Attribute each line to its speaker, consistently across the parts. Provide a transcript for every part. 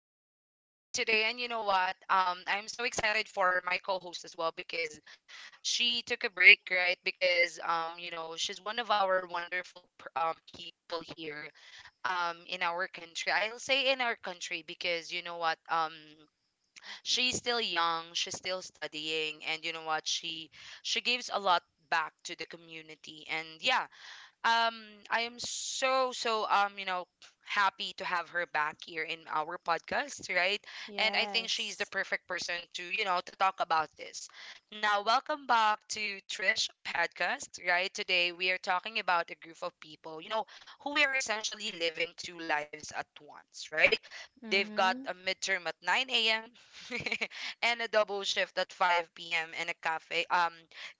Speaker 1: am so excited for today. And you know what? I'm so excited for my co host as well because she took a break, right? Because, she's one of our wonderful people here in our country. I'll say in our country because, you know what? She's still young, she's still studying. And you know what? She gives a lot back to the community. And yeah, um I am so so happy to have her back here in our podcast, right? And I think she's the
Speaker 2: Yes.
Speaker 1: perfect person to, you know, to talk about this. Now, welcome back to Trish podcast, right? Today we are talking about a group of people, you know, who we are essentially living two lives at once, right? They've got
Speaker 2: Mm-hmm.
Speaker 1: a midterm at 9 a.m. and a double shift at 5 p.m. and a cafe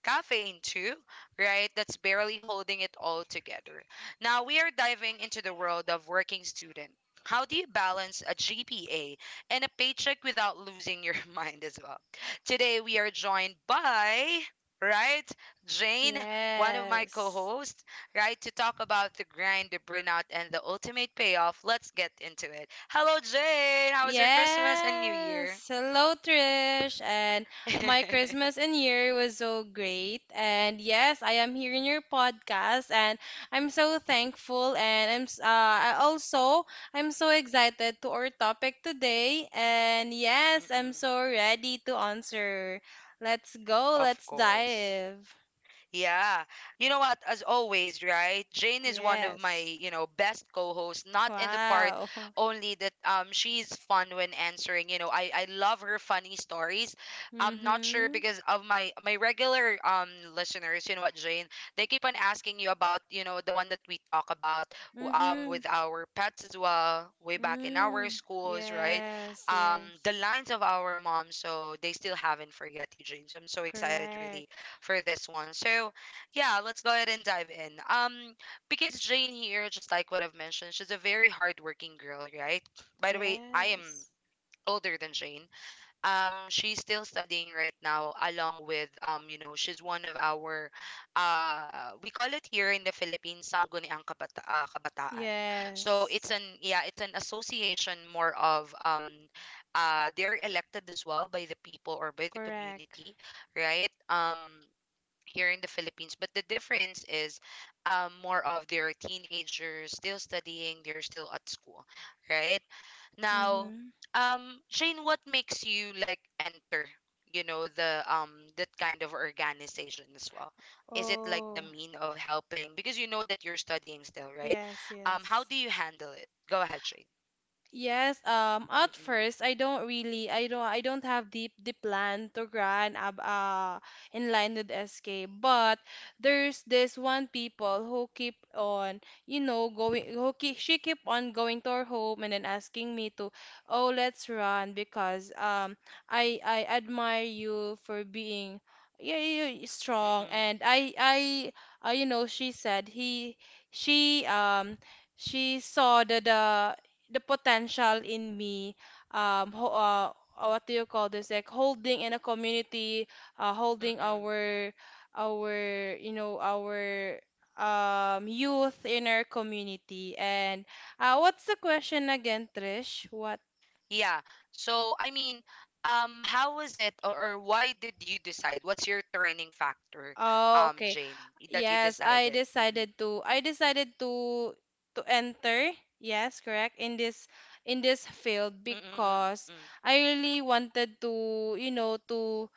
Speaker 1: caffeine too, right? That's barely holding it all together. Now we are diving into the world of working student. How do you balance a GPA and a paycheck without losing your mind as well? Today we are joined by, right, Jane, one of my
Speaker 2: Yes.
Speaker 1: co-hosts, right, to talk about the grind, the burnout, and the ultimate payoff. Let's get into it. Hello, Jane. How was your Christmas and New Year?
Speaker 2: Yes. Hello, Trish. And my
Speaker 1: Mm-mm.
Speaker 2: Christmas and year was so great. And yes, I am here in your podcast, and I'm so thankful. And I'm s- I also I'm so excited to our topic today. And yes, I'm so ready to answer. Let's go.
Speaker 1: Of
Speaker 2: Let's
Speaker 1: course.
Speaker 2: dive.
Speaker 1: Yeah. You know what? As always, right? Jane is one of my,
Speaker 2: Yes.
Speaker 1: you know, best co-hosts, not in the part
Speaker 2: Wow.
Speaker 1: only that she's fun when answering. You know, I love her funny stories. I'm not sure
Speaker 2: Mm-hmm.
Speaker 1: because of my regular listeners, you know what, Jane, they keep on asking you about, you know, the one that we talk about
Speaker 2: Mm-hmm.
Speaker 1: with our pets as well, way back in our
Speaker 2: Mm,
Speaker 1: schools, right?
Speaker 2: yes,
Speaker 1: The
Speaker 2: yes.
Speaker 1: lines of our mom, so they still haven't forget you, Jane. So I'm so excited really
Speaker 2: Correct.
Speaker 1: for this one. So, yeah, let's go ahead and dive in. Because Jane here, just like what I've mentioned, she's a very hardworking girl, right? By the way, I am
Speaker 2: Yes.
Speaker 1: older than Jane. She's still studying right now, along with you know, she's one of our, we call it here in the Philippines, sangguniang kabataan. So
Speaker 2: Yes.
Speaker 1: it's an yeah, it's an association more of they're elected as well by the people or by the
Speaker 2: Correct.
Speaker 1: community, right? Here in the Philippines. But the difference is more of their teenagers still studying, they're still at school, right? Now,
Speaker 2: Mm-hmm.
Speaker 1: Shane, what makes you like enter, you know, the that kind of organization as well? Is it like the
Speaker 2: Oh,
Speaker 1: mean of helping? Because you know that you're studying still, right?
Speaker 2: yes,
Speaker 1: How
Speaker 2: yes.
Speaker 1: do you handle it? Go ahead, Shane.
Speaker 2: Yes, at
Speaker 1: Mm-mm,
Speaker 2: first I don't really I don't have the plan to run ab in line with SK, but there's this one people who keep on, going she keep on going to her home and then asking me to, "Oh, let's run because I admire you for being, yeah, you strong."
Speaker 1: mm-mm,
Speaker 2: And she said he she um she saw the potential in me, um ho- uh, what do you call this, like holding in a community, holding
Speaker 1: mm-mm.
Speaker 2: our our youth in our community. And what's the question again, Trish? What
Speaker 1: Yeah. So, I mean, how was it or, why did you decide? What's your turning factor,
Speaker 2: Oh, okay.
Speaker 1: Jane, that you
Speaker 2: Yes, I
Speaker 1: decided? Mm-mm.
Speaker 2: decided to I decided to to enter, yes, correct, in this field
Speaker 1: Mm-mm-mm.
Speaker 2: because I really wanted to, to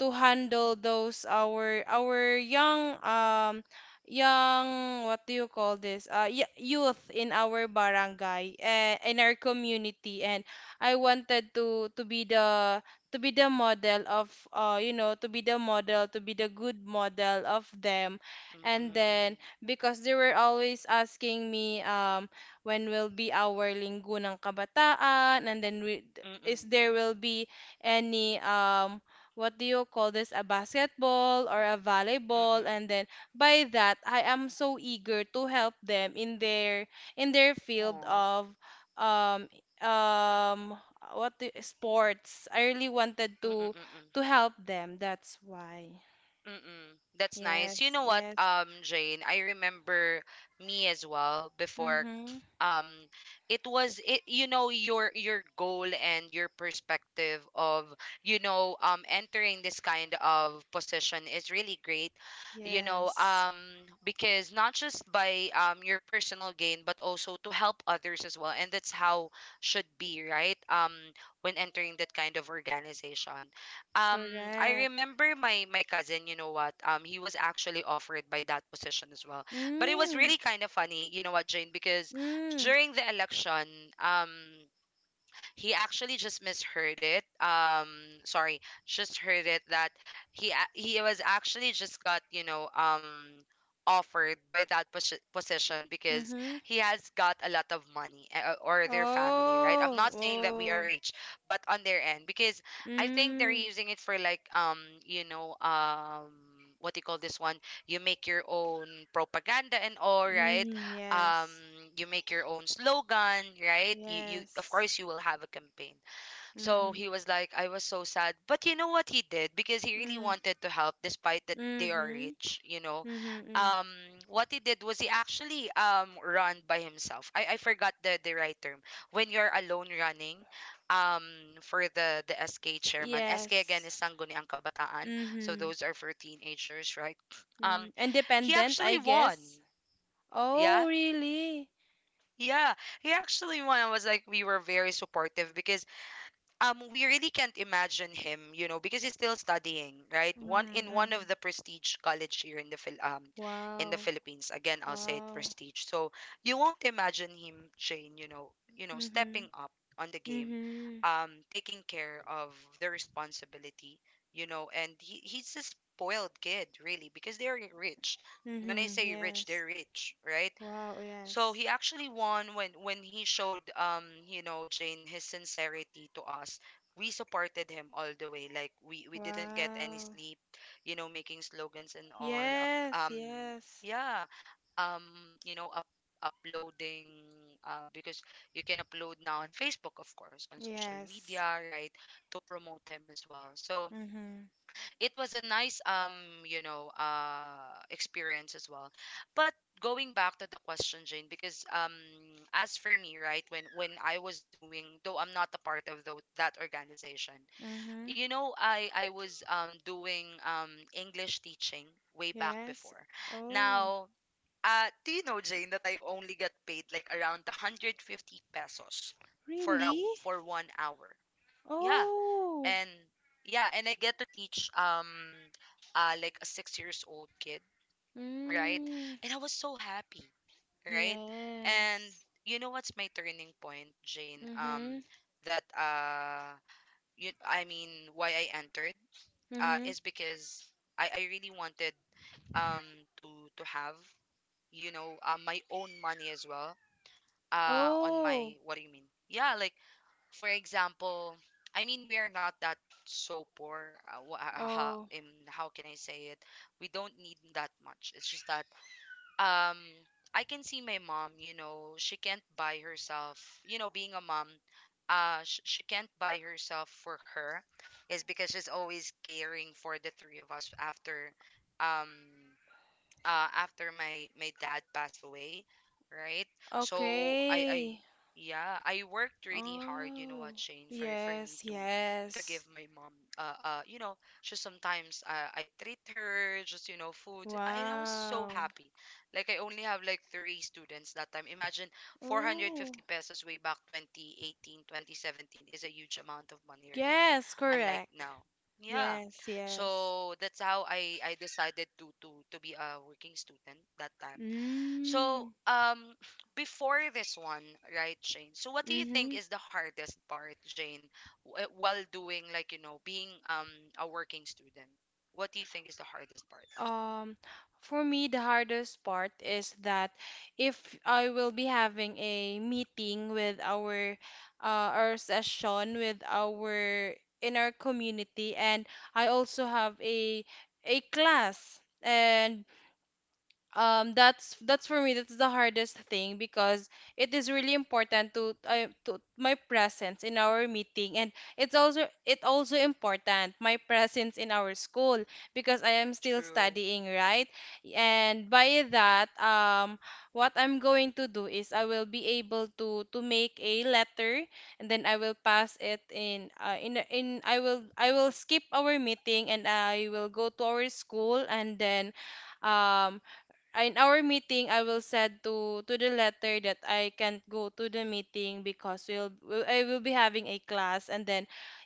Speaker 2: to handle those, our, young, young what do you call this y- youth in our barangay, in our community. And I wanted to be the model of you know to be the model to be the good model of them. And
Speaker 1: Mm-mm.
Speaker 2: then, because they were always asking me, when will be our linggo ng kabataan. And then,
Speaker 1: Mm-mm.
Speaker 2: is there will be any, what do you call this, a basketball or a volleyball?
Speaker 1: Mm-mm.
Speaker 2: And then, by that, I am so eager to help them in their field
Speaker 1: Aw.
Speaker 2: of, um um sports. I really wanted to
Speaker 1: Mm-mm-mm.
Speaker 2: help them, that's why.
Speaker 1: Mm-mm. That's nice. You
Speaker 2: Yes,
Speaker 1: know what,
Speaker 2: yes.
Speaker 1: Jane, I remember me as well before
Speaker 2: Mhm.
Speaker 1: um it was it you know your goal and your perspective of you know entering this kind of position is really great you know
Speaker 2: Yes,
Speaker 1: because not just by your personal gain but also to help others as well and that's how should be, right? When entering that kind of organization. um I
Speaker 2: correct.
Speaker 1: remember my cousin, you know what? He was actually offered by that position as well. But it was
Speaker 2: Mm.
Speaker 1: really kind of funny, you know what, Jane, because
Speaker 2: Mm.
Speaker 1: during the election, um he actually just misheard it. Sorry, just heard it that he was actually just got you know offered by that position because
Speaker 2: Mhm.
Speaker 1: he has got a lot of money or their family, right? I'm
Speaker 2: Oh,
Speaker 1: not saying that we are
Speaker 2: oh.
Speaker 1: rich, but on their end because I think they're
Speaker 2: Mm,
Speaker 1: using it for like you know what do you call this one? You make your own propaganda and all, right?
Speaker 2: mm,
Speaker 1: um
Speaker 2: yes.
Speaker 1: you make your own slogan, right? You, of
Speaker 2: Yes.
Speaker 1: course you will have a campaign. So
Speaker 2: Mhm.
Speaker 1: he was like, I was so sad, but you know what he did, because he really
Speaker 2: Mm.
Speaker 1: wanted to help despite that they are
Speaker 2: Mhm.
Speaker 1: rich, you know.
Speaker 2: Mhm. Mm.
Speaker 1: um what he did was he actually run by himself. I forgot the right term when you're alone running um for the SK chairman. SK again
Speaker 2: Yes.
Speaker 1: is sangguniang kabataan, so
Speaker 2: Mhm.
Speaker 1: those are for teenagers, right? um
Speaker 2: Mm.
Speaker 1: he
Speaker 2: Independent, I
Speaker 1: actually won.
Speaker 2: guess.
Speaker 1: Yeah,
Speaker 2: Oh, really?
Speaker 1: yeah, he actually one, was like we were very supportive because we really can't imagine him, you know, because he's still studying, right? One
Speaker 2: Mhm.
Speaker 1: in one of
Speaker 2: Mhm.
Speaker 1: the prestige college here in the Phil in the
Speaker 2: Wow.
Speaker 1: Philippines. Again, I'll say it
Speaker 2: Wow.
Speaker 1: prestige. So you won't imagine him, Jane, you know, stepping
Speaker 2: Mhm.
Speaker 1: up on the game,
Speaker 2: Mhm.
Speaker 1: taking care of the responsibility, you know, and he's a spoiled kid, really, because they're rich. When I
Speaker 2: Mhm.
Speaker 1: say rich,
Speaker 2: Yes.
Speaker 1: they're rich, right?
Speaker 2: Wow.
Speaker 1: So he
Speaker 2: Yes.
Speaker 1: actually won when he showed you know Jane his sincerity to us. We supported him all the way. Like we didn't get any
Speaker 2: Wow.
Speaker 1: sleep, you know, making slogans and all.
Speaker 2: Yes. Yes.
Speaker 1: Yeah, um you know, up uploading because you can upload now on Facebook, of course on social
Speaker 2: Yes.
Speaker 1: media, right, to promote him as well. So
Speaker 2: Mhm.
Speaker 1: it was a nice you know experience as well. But going back to the question, Jane, because as for me, right, when I was doing, though I'm not a part of that organization,
Speaker 2: Mhm.
Speaker 1: you know, I was doing english teaching way back
Speaker 2: Yes.
Speaker 1: before.
Speaker 2: Oh,
Speaker 1: Now do you know, Jane, that I only get paid like around 150 pesos for a
Speaker 2: really?
Speaker 1: for 1 hour? Yeah.
Speaker 2: Oh.
Speaker 1: And yeah, and I get to teach like a 6 years old kid, right?
Speaker 2: Mm.
Speaker 1: And I was so happy, right. And
Speaker 2: Yes.
Speaker 1: you know what's my turning point, Jane?
Speaker 2: Mm-hmm.
Speaker 1: That you I mean why I entered
Speaker 2: Mm-hmm.
Speaker 1: is because I really wanted um to to have, you know, my own money as well, on my
Speaker 2: Oh.
Speaker 1: what do you mean, yeah, like, for example, I mean, we are not that so poor. Wha- ha-
Speaker 2: Oh.
Speaker 1: how can I say it? We don't need that much. It's just that um, I can see my mom. You know, she can't buy herself. You know, being a mom, she can't buy herself for her, is because she's always caring for the three of us after, um, after my dad passed away, right? So I
Speaker 2: Okay.
Speaker 1: yeah I worked really hard, you know what,
Speaker 2: Oh.
Speaker 1: Shane, for me
Speaker 2: Yes,
Speaker 1: to give
Speaker 2: yes.
Speaker 1: my mom you know just sometimes I treat her just you know food, and I was so
Speaker 2: Wow.
Speaker 1: happy. Like I only have like three students that time. Imagine
Speaker 2: Oh.
Speaker 1: 450 pesos way back 2018, 2017 is a huge amount of money already,
Speaker 2: Yes,
Speaker 1: unlike
Speaker 2: correct.
Speaker 1: now. Yeah.
Speaker 2: Yes, yes.
Speaker 1: So that's how I decided to to be a working student that time. So
Speaker 2: Mm.
Speaker 1: before this one, right, Jane? So what do you think
Speaker 2: Mm-hmm.
Speaker 1: is the hardest part, Jane, while doing like you know being a working student? What do you think is the hardest part?
Speaker 2: Um, for me, the hardest part is that, if I will be having a meeting with our session with our, in our community, and I also have a class, and that's for me that's the hardest thing, because it is really important to my presence in our meeting, and it's also important, my presence in our school, because I am still
Speaker 1: True.
Speaker 2: studying, right? And by that, what I'm going to do is, I will be able to make a letter, and then I will pass it, in I will skip our meeting, and I will go to our school. And then, um in our meeting, I will said to the letter that I can't go to the meeting because, we'll I will be having a class. And then,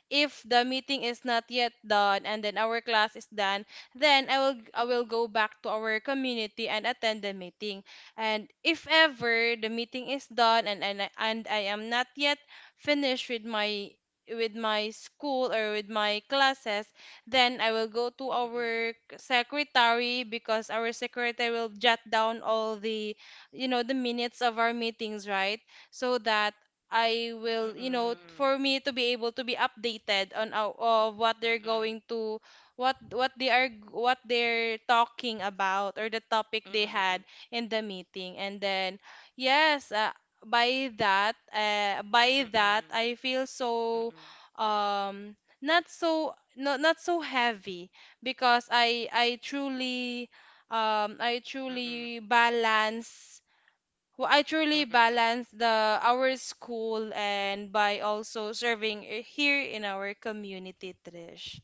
Speaker 2: if the meeting is not yet done and then our class is done, then I will go back to our community and attend the meeting. And if ever the meeting is done, and I am not yet finished with my school or with my classes, then I will go to
Speaker 1: Mm-mm-mm.
Speaker 2: our secretary, because our secretary will jot down all the minutes of our meetings, right? So that, I will, you know,
Speaker 1: Mm-mm.
Speaker 2: for me to be able to be updated on of what they're
Speaker 1: Mm-mm.
Speaker 2: going to, what what they're talking about, or the topic they had
Speaker 1: Mm-mm.
Speaker 2: in the meeting. And then, yes, by
Speaker 1: Mm-mm.
Speaker 2: that,
Speaker 1: Mm-mm.
Speaker 2: I feel so,
Speaker 1: Mm-mm.
Speaker 2: um, not so not so heavy, because I truly, um I
Speaker 1: Mm-mm.
Speaker 2: truly balance
Speaker 1: Mm-mm.
Speaker 2: balance the our school and by also serving, here in our community, Trish.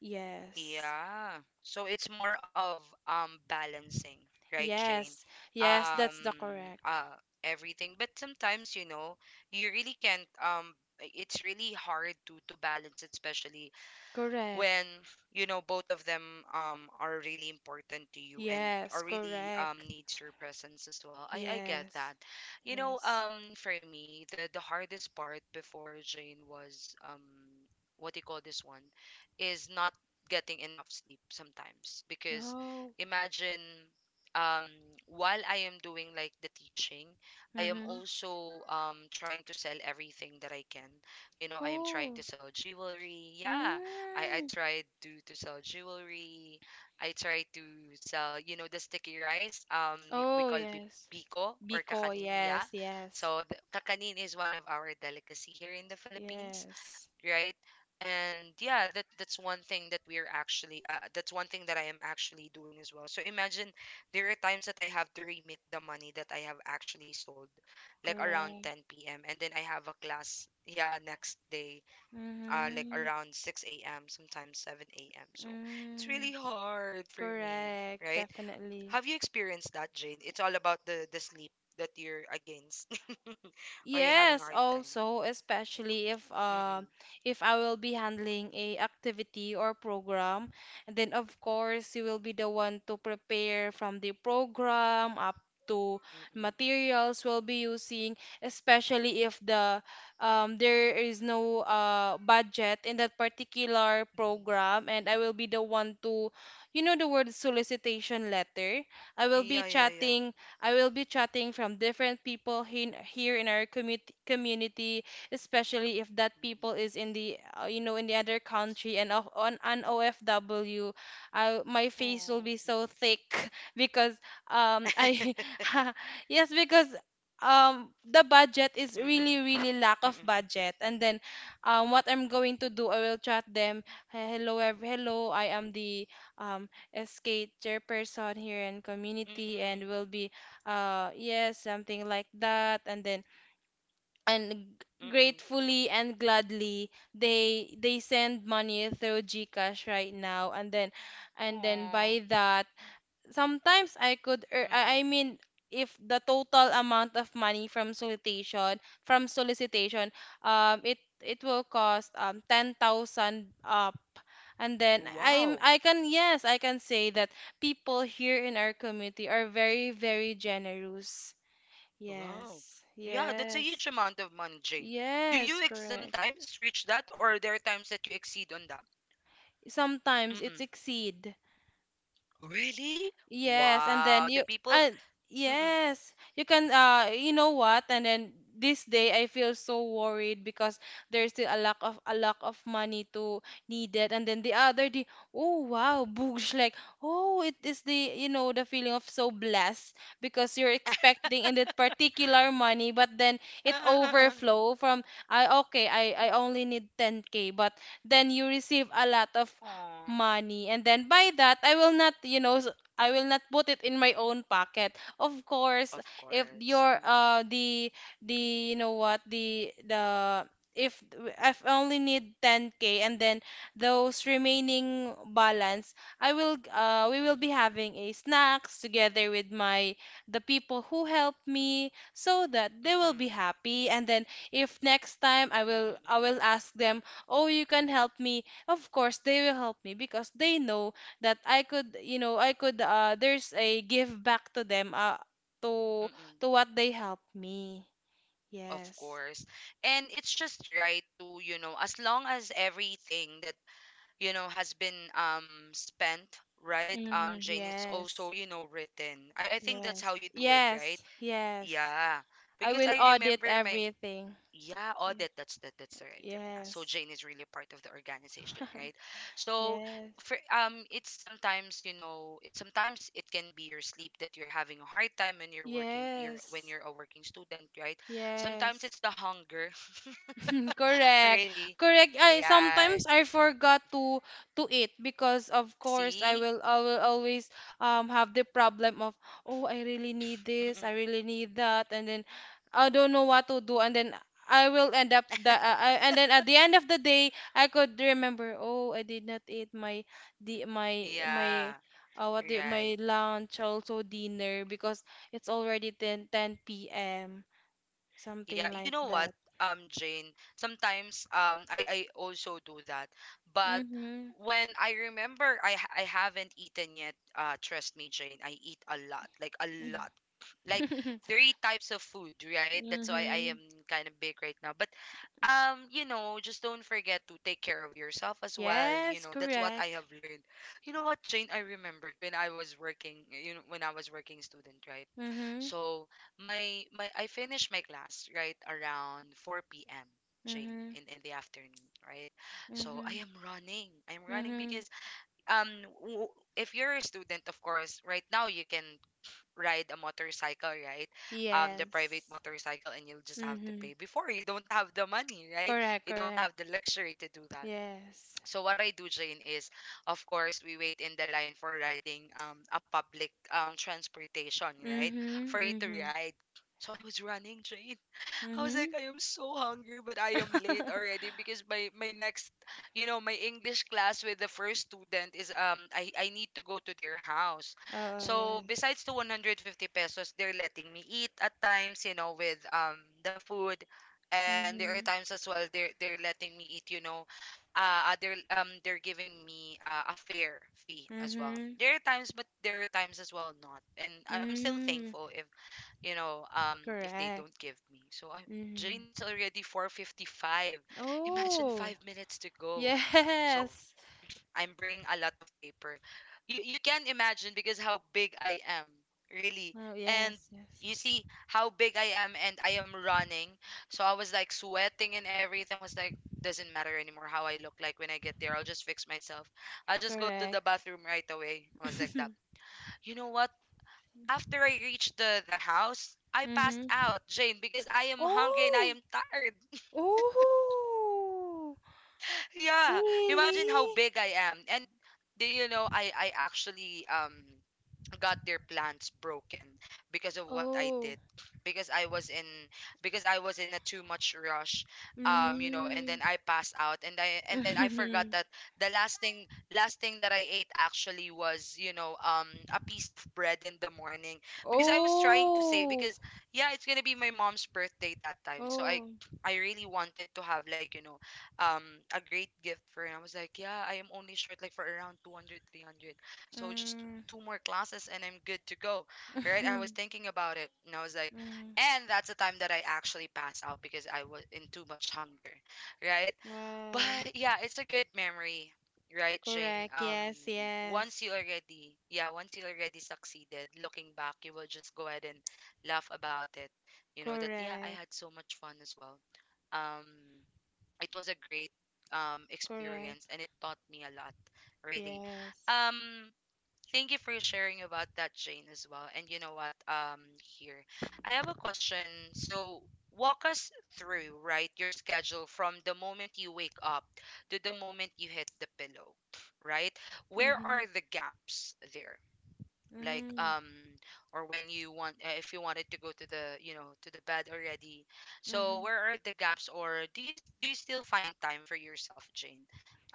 Speaker 2: Yes.
Speaker 1: Yeah. So it's more of balancing, right, Shane?
Speaker 2: Yes. Yes,
Speaker 1: Um
Speaker 2: that's the correct.
Speaker 1: everything. But sometimes, you know, you really can't it's really hard to balance it, especially when
Speaker 2: Correct.
Speaker 1: you know both of them are really important to you and
Speaker 2: Yes,
Speaker 1: are really
Speaker 2: correct.
Speaker 1: needs your presence as well. I get
Speaker 2: Yes.
Speaker 1: that, you know.
Speaker 2: Yes.
Speaker 1: For me the hardest part before, Jane, was what do you call this one, is not getting enough sleep sometimes because
Speaker 2: Yo.
Speaker 1: imagine um while I am doing like the teaching, I am
Speaker 2: Mm-hmm.
Speaker 1: also trying to sell everything that I can, you know. I am trying to
Speaker 2: Oh.
Speaker 1: sell jewelry. Yeah, I
Speaker 2: Mm.
Speaker 1: tried to sell jewelry. I tried to sell, you know, the sticky rice. We
Speaker 2: Oh,
Speaker 1: call it
Speaker 2: yes.
Speaker 1: biko or
Speaker 2: Biko,
Speaker 1: kakanin. Yeah.
Speaker 2: yes, yes,
Speaker 1: So the, kakanin is one of our delicacy here in the Philippines,
Speaker 2: yes,
Speaker 1: right? And yeah, that that's one thing that we're actually, that's one thing that I am actually doing as well. So imagine there are times that I have to remit the money that I have actually sold, like around
Speaker 2: correct.
Speaker 1: 10 p.m. and then I have a class, yeah, next day like
Speaker 2: Mm-hmm.
Speaker 1: around 6 a.m., sometimes 7 a.m. So it's really
Speaker 2: Mm,
Speaker 1: hard for me,
Speaker 2: correct,
Speaker 1: right?
Speaker 2: definitely.
Speaker 1: Have you experienced that, Jane? It's all about the sleep that you're against or you're having a
Speaker 2: Yes,
Speaker 1: hard time.
Speaker 2: also, especially if uh
Speaker 1: Mm-mm,
Speaker 2: if I will be handling a activity or program, and then of course you will be the one to prepare, from the program up to
Speaker 1: mm-mm,
Speaker 2: materials we'll be using, especially, if the there is no budget in that particular
Speaker 1: mm-mm.
Speaker 2: program, and I will be the one to, the word solicitation letter. I will be
Speaker 1: Yeah, yeah, yeah.
Speaker 2: chatting I will be chatting from different people, here in our, community, especially if that people is,
Speaker 1: Mm-mm.
Speaker 2: in the other country and, on an OFW. My face will
Speaker 1: Oh,
Speaker 2: be so thick. Because, I
Speaker 1: mm-mm.
Speaker 2: yes, because, the budget is really,
Speaker 1: Mm-mm,
Speaker 2: really lack of
Speaker 1: mm-mm,
Speaker 2: budget. And then, what I'm going to do, I will chat them, "Hey, hello, hello, I am the um SK chairperson here in community,
Speaker 1: mm-mm,
Speaker 2: and will be, yes, something like that." And then, and
Speaker 1: mm-mm.
Speaker 2: gratefully and gladly, they send money through GCash right now. And then
Speaker 1: Aw,
Speaker 2: by that, sometimes I could, ear- I
Speaker 1: mm-mm.
Speaker 2: mean, if the total amount of money from, solicitation, um, it it will cost, 10,000 up. And then,
Speaker 1: Wow,
Speaker 2: I can, yes, I can say that people here in our community are very, very generous.
Speaker 1: wow.
Speaker 2: Yes,
Speaker 1: Yeah, that's a
Speaker 2: yes,
Speaker 1: huge amount of money, Jane.
Speaker 2: yes, correct.
Speaker 1: Sometimes reach that, or there are times that you exceed on that?
Speaker 2: Sometimes it's
Speaker 1: Mm.
Speaker 2: exceed.
Speaker 1: Really?
Speaker 2: Yes, and then,
Speaker 1: Wow,
Speaker 2: you
Speaker 1: the people.
Speaker 2: and
Speaker 1: Mm.
Speaker 2: yes, you can, you know what? And then this day I feel so worried because there's still a lack of money to needed. And then the other day, oh, wow, boosh, like, oh, it is, the you know the feeling of so blessed, because you're expecting in that particular money. But then it
Speaker 1: Ah.
Speaker 2: overflow from, I okay, I only need 10K, but then you receive a lot of
Speaker 1: Aw,
Speaker 2: money. And then by that, I will not put it in my own pocket. Of course,
Speaker 1: of
Speaker 2: if
Speaker 1: course.
Speaker 2: your
Speaker 1: Mm-mm.
Speaker 2: the if if I only need 10K, and then those remaining balance, I will we will be
Speaker 1: Mm-mm.
Speaker 2: having a snacks together with, my the people who help me, so that they will be
Speaker 1: Mm-mm.
Speaker 2: happy. And then, if next time, I will
Speaker 1: Mm-mm.
Speaker 2: I
Speaker 1: Mm-mm.
Speaker 2: will ask them, "Oh, you can help me." Of course, they will help me because they know that, I could there's a give back to them, to
Speaker 1: Mm-mm.
Speaker 2: to what they helped me.
Speaker 1: Of
Speaker 2: Yes.
Speaker 1: course. And it's just right to, you know, as long as everything that, you know, has been spent, right?
Speaker 2: Mm-hmm.
Speaker 1: Jane is also,
Speaker 2: Yes.
Speaker 1: you know, written. I think that's
Speaker 2: Yes.
Speaker 1: how you do it, right?
Speaker 2: Yes. Yes.
Speaker 1: Yeah.
Speaker 2: I
Speaker 1: Because
Speaker 2: will
Speaker 1: I
Speaker 2: audit
Speaker 1: remember my.
Speaker 2: everything.
Speaker 1: Yeah,
Speaker 2: Ye-
Speaker 1: audit. That's that. That's the right term. Yeah. So
Speaker 2: Yes.
Speaker 1: Jane is really a part of the organization, right? So
Speaker 2: Yes.
Speaker 1: for it's sometimes, you know, it's sometimes it can be your sleep that you're having a hard time when you're working. You're when
Speaker 2: Yes.
Speaker 1: you're a working student, right? Sometimes
Speaker 2: Yes.
Speaker 1: it's the hunger,
Speaker 2: Correct.
Speaker 1: really.
Speaker 2: Correct. I
Speaker 1: Yeah.
Speaker 2: Sometimes I forgot to eat, because of course, I
Speaker 1: See.
Speaker 2: will I will always, have the problem of, oh, I really need this, I
Speaker 1: Mm-mm.
Speaker 2: really need that, and then I don't know what to do. And then I will end up, and then at the end of the day I could remember, oh, I did not eat, my the my my
Speaker 1: Yeah.
Speaker 2: what the,
Speaker 1: Right.
Speaker 2: my lunch, also dinner, because it's already ten p.m.,
Speaker 1: Yeah,
Speaker 2: something
Speaker 1: you
Speaker 2: like
Speaker 1: know what,
Speaker 2: that.
Speaker 1: Jane, sometimes I also do that. But
Speaker 2: Mhm.
Speaker 1: when I remember I haven't eaten yet, trust me, Jane, I eat a lot. Like three types of food, right? That's why I am
Speaker 2: Mm-hmm.
Speaker 1: kind of big right now. But you know, just don't forget to take care of yourself as well. You
Speaker 2: Yes,
Speaker 1: know, that's what I
Speaker 2: correct.
Speaker 1: have learned. You know what, Jane, I remembered when I was working, you know, when I was working student, right?
Speaker 2: Mm-hmm.
Speaker 1: So my I finished my class right around 4 p.m. Jane
Speaker 2: Mm-hmm.
Speaker 1: in the afternoon, right? So I
Speaker 2: Mm-hmm.
Speaker 1: am running. I'm running
Speaker 2: Mm-hmm.
Speaker 1: because um if you're a student, of course, right now you can ride a motorcycle, right? Um, the private
Speaker 2: Yes.
Speaker 1: motorcycle and you'll just have to
Speaker 2: Mm-hmm.
Speaker 1: pay before you don't have the money, right?
Speaker 2: Correct,
Speaker 1: You don't
Speaker 2: correct.
Speaker 1: have the luxury to do that.
Speaker 2: Yes.
Speaker 1: So what I do, Jane, is of course we wait in the line for riding a public transportation, right? For
Speaker 2: Mm-hmm.
Speaker 1: you to
Speaker 2: Mm-hmm.
Speaker 1: ride. So I was running, Jane. I was like,
Speaker 2: Mm-hmm.
Speaker 1: I am so hungry, but I am late already because my next, you know, my English class with the first student is I need to go to their house.
Speaker 2: Oh,
Speaker 1: So besides
Speaker 2: yes.
Speaker 1: the 150 pesos, they're letting me eat at times, you know, with the food, and there are
Speaker 2: Mm-hmm.
Speaker 1: times as well they're letting me eat, you know, they're giving me a fair fee as well.
Speaker 2: Mm-hmm.
Speaker 1: There are times, but there are times as well not, and I'm still
Speaker 2: Mm.
Speaker 1: thankful if you know, if they don't
Speaker 2: Correct.
Speaker 1: give me. So I, Jane,
Speaker 2: Mm.
Speaker 1: it's already 4:55. Imagine five
Speaker 2: Oh,
Speaker 1: minutes to go. So
Speaker 2: yes.
Speaker 1: I'm bringing a lot of paper. You can imagine because how big I am, really.
Speaker 2: Oh,
Speaker 1: And
Speaker 2: yes, yes.
Speaker 1: you see how big I am, and I am running. So I was like sweating and everything. I was like, doesn't matter anymore how I look like when I get there. I'll just fix myself. I'll just go to the
Speaker 2: Correct.
Speaker 1: bathroom right away. I was like that. You know what? After I reached the house, I passed
Speaker 2: Mm-hmm.
Speaker 1: out, Jane, because I am hungry and I
Speaker 2: Oh,
Speaker 1: am tired.
Speaker 2: oh.
Speaker 1: Yeah, imagine how
Speaker 2: Really?
Speaker 1: big I am. And do you know I actually got their plans broken because of what I
Speaker 2: Oh.
Speaker 1: did, because I was in because I was in a too much rush, you know, and then
Speaker 2: Mm.
Speaker 1: I passed out and I and then I forgot that the last thing that I ate actually was, you know, a piece of bread in the morning because I was trying to save
Speaker 2: Oh.
Speaker 1: because, yeah, it's going to be my mom's birthday that time, so
Speaker 2: Oh.
Speaker 1: I really wanted to have like, you know, um a great gift for her, and I was like, yeah, I am only short like for around 200 three hundred, so just
Speaker 2: Mm.
Speaker 1: two more classes and I'm good to go, right? I was thinking about it and I was like,
Speaker 2: Mm.
Speaker 1: and that's the time that I actually pass out because I was in too much hunger, right?
Speaker 2: Wow.
Speaker 1: But yeah, it's a good memory, right, Jane?
Speaker 2: Correct. Yes,
Speaker 1: Once you
Speaker 2: yes.
Speaker 1: already, yeah, once you already succeeded, looking back, you will just go ahead and laugh about it. You know that, yeah, I
Speaker 2: Correct.
Speaker 1: had so much fun as well. Um, it was a great
Speaker 2: Correct.
Speaker 1: experience and it taught me a lot, really.
Speaker 2: Yes.
Speaker 1: Um, Thank you for sharing about that, Jane, as well. And you know what? Here, I have a question. So, walk us through, right, your schedule from the moment you wake up to the moment you hit the pillow, right? Where
Speaker 2: Mm-hmm.
Speaker 1: are the gaps there? Like,
Speaker 2: Mm.
Speaker 1: or when you want, if you wanted to go to the, you know, to the bed already. So,
Speaker 2: Mm-hmm.
Speaker 1: where are the gaps, or do you still find time for yourself, Jane?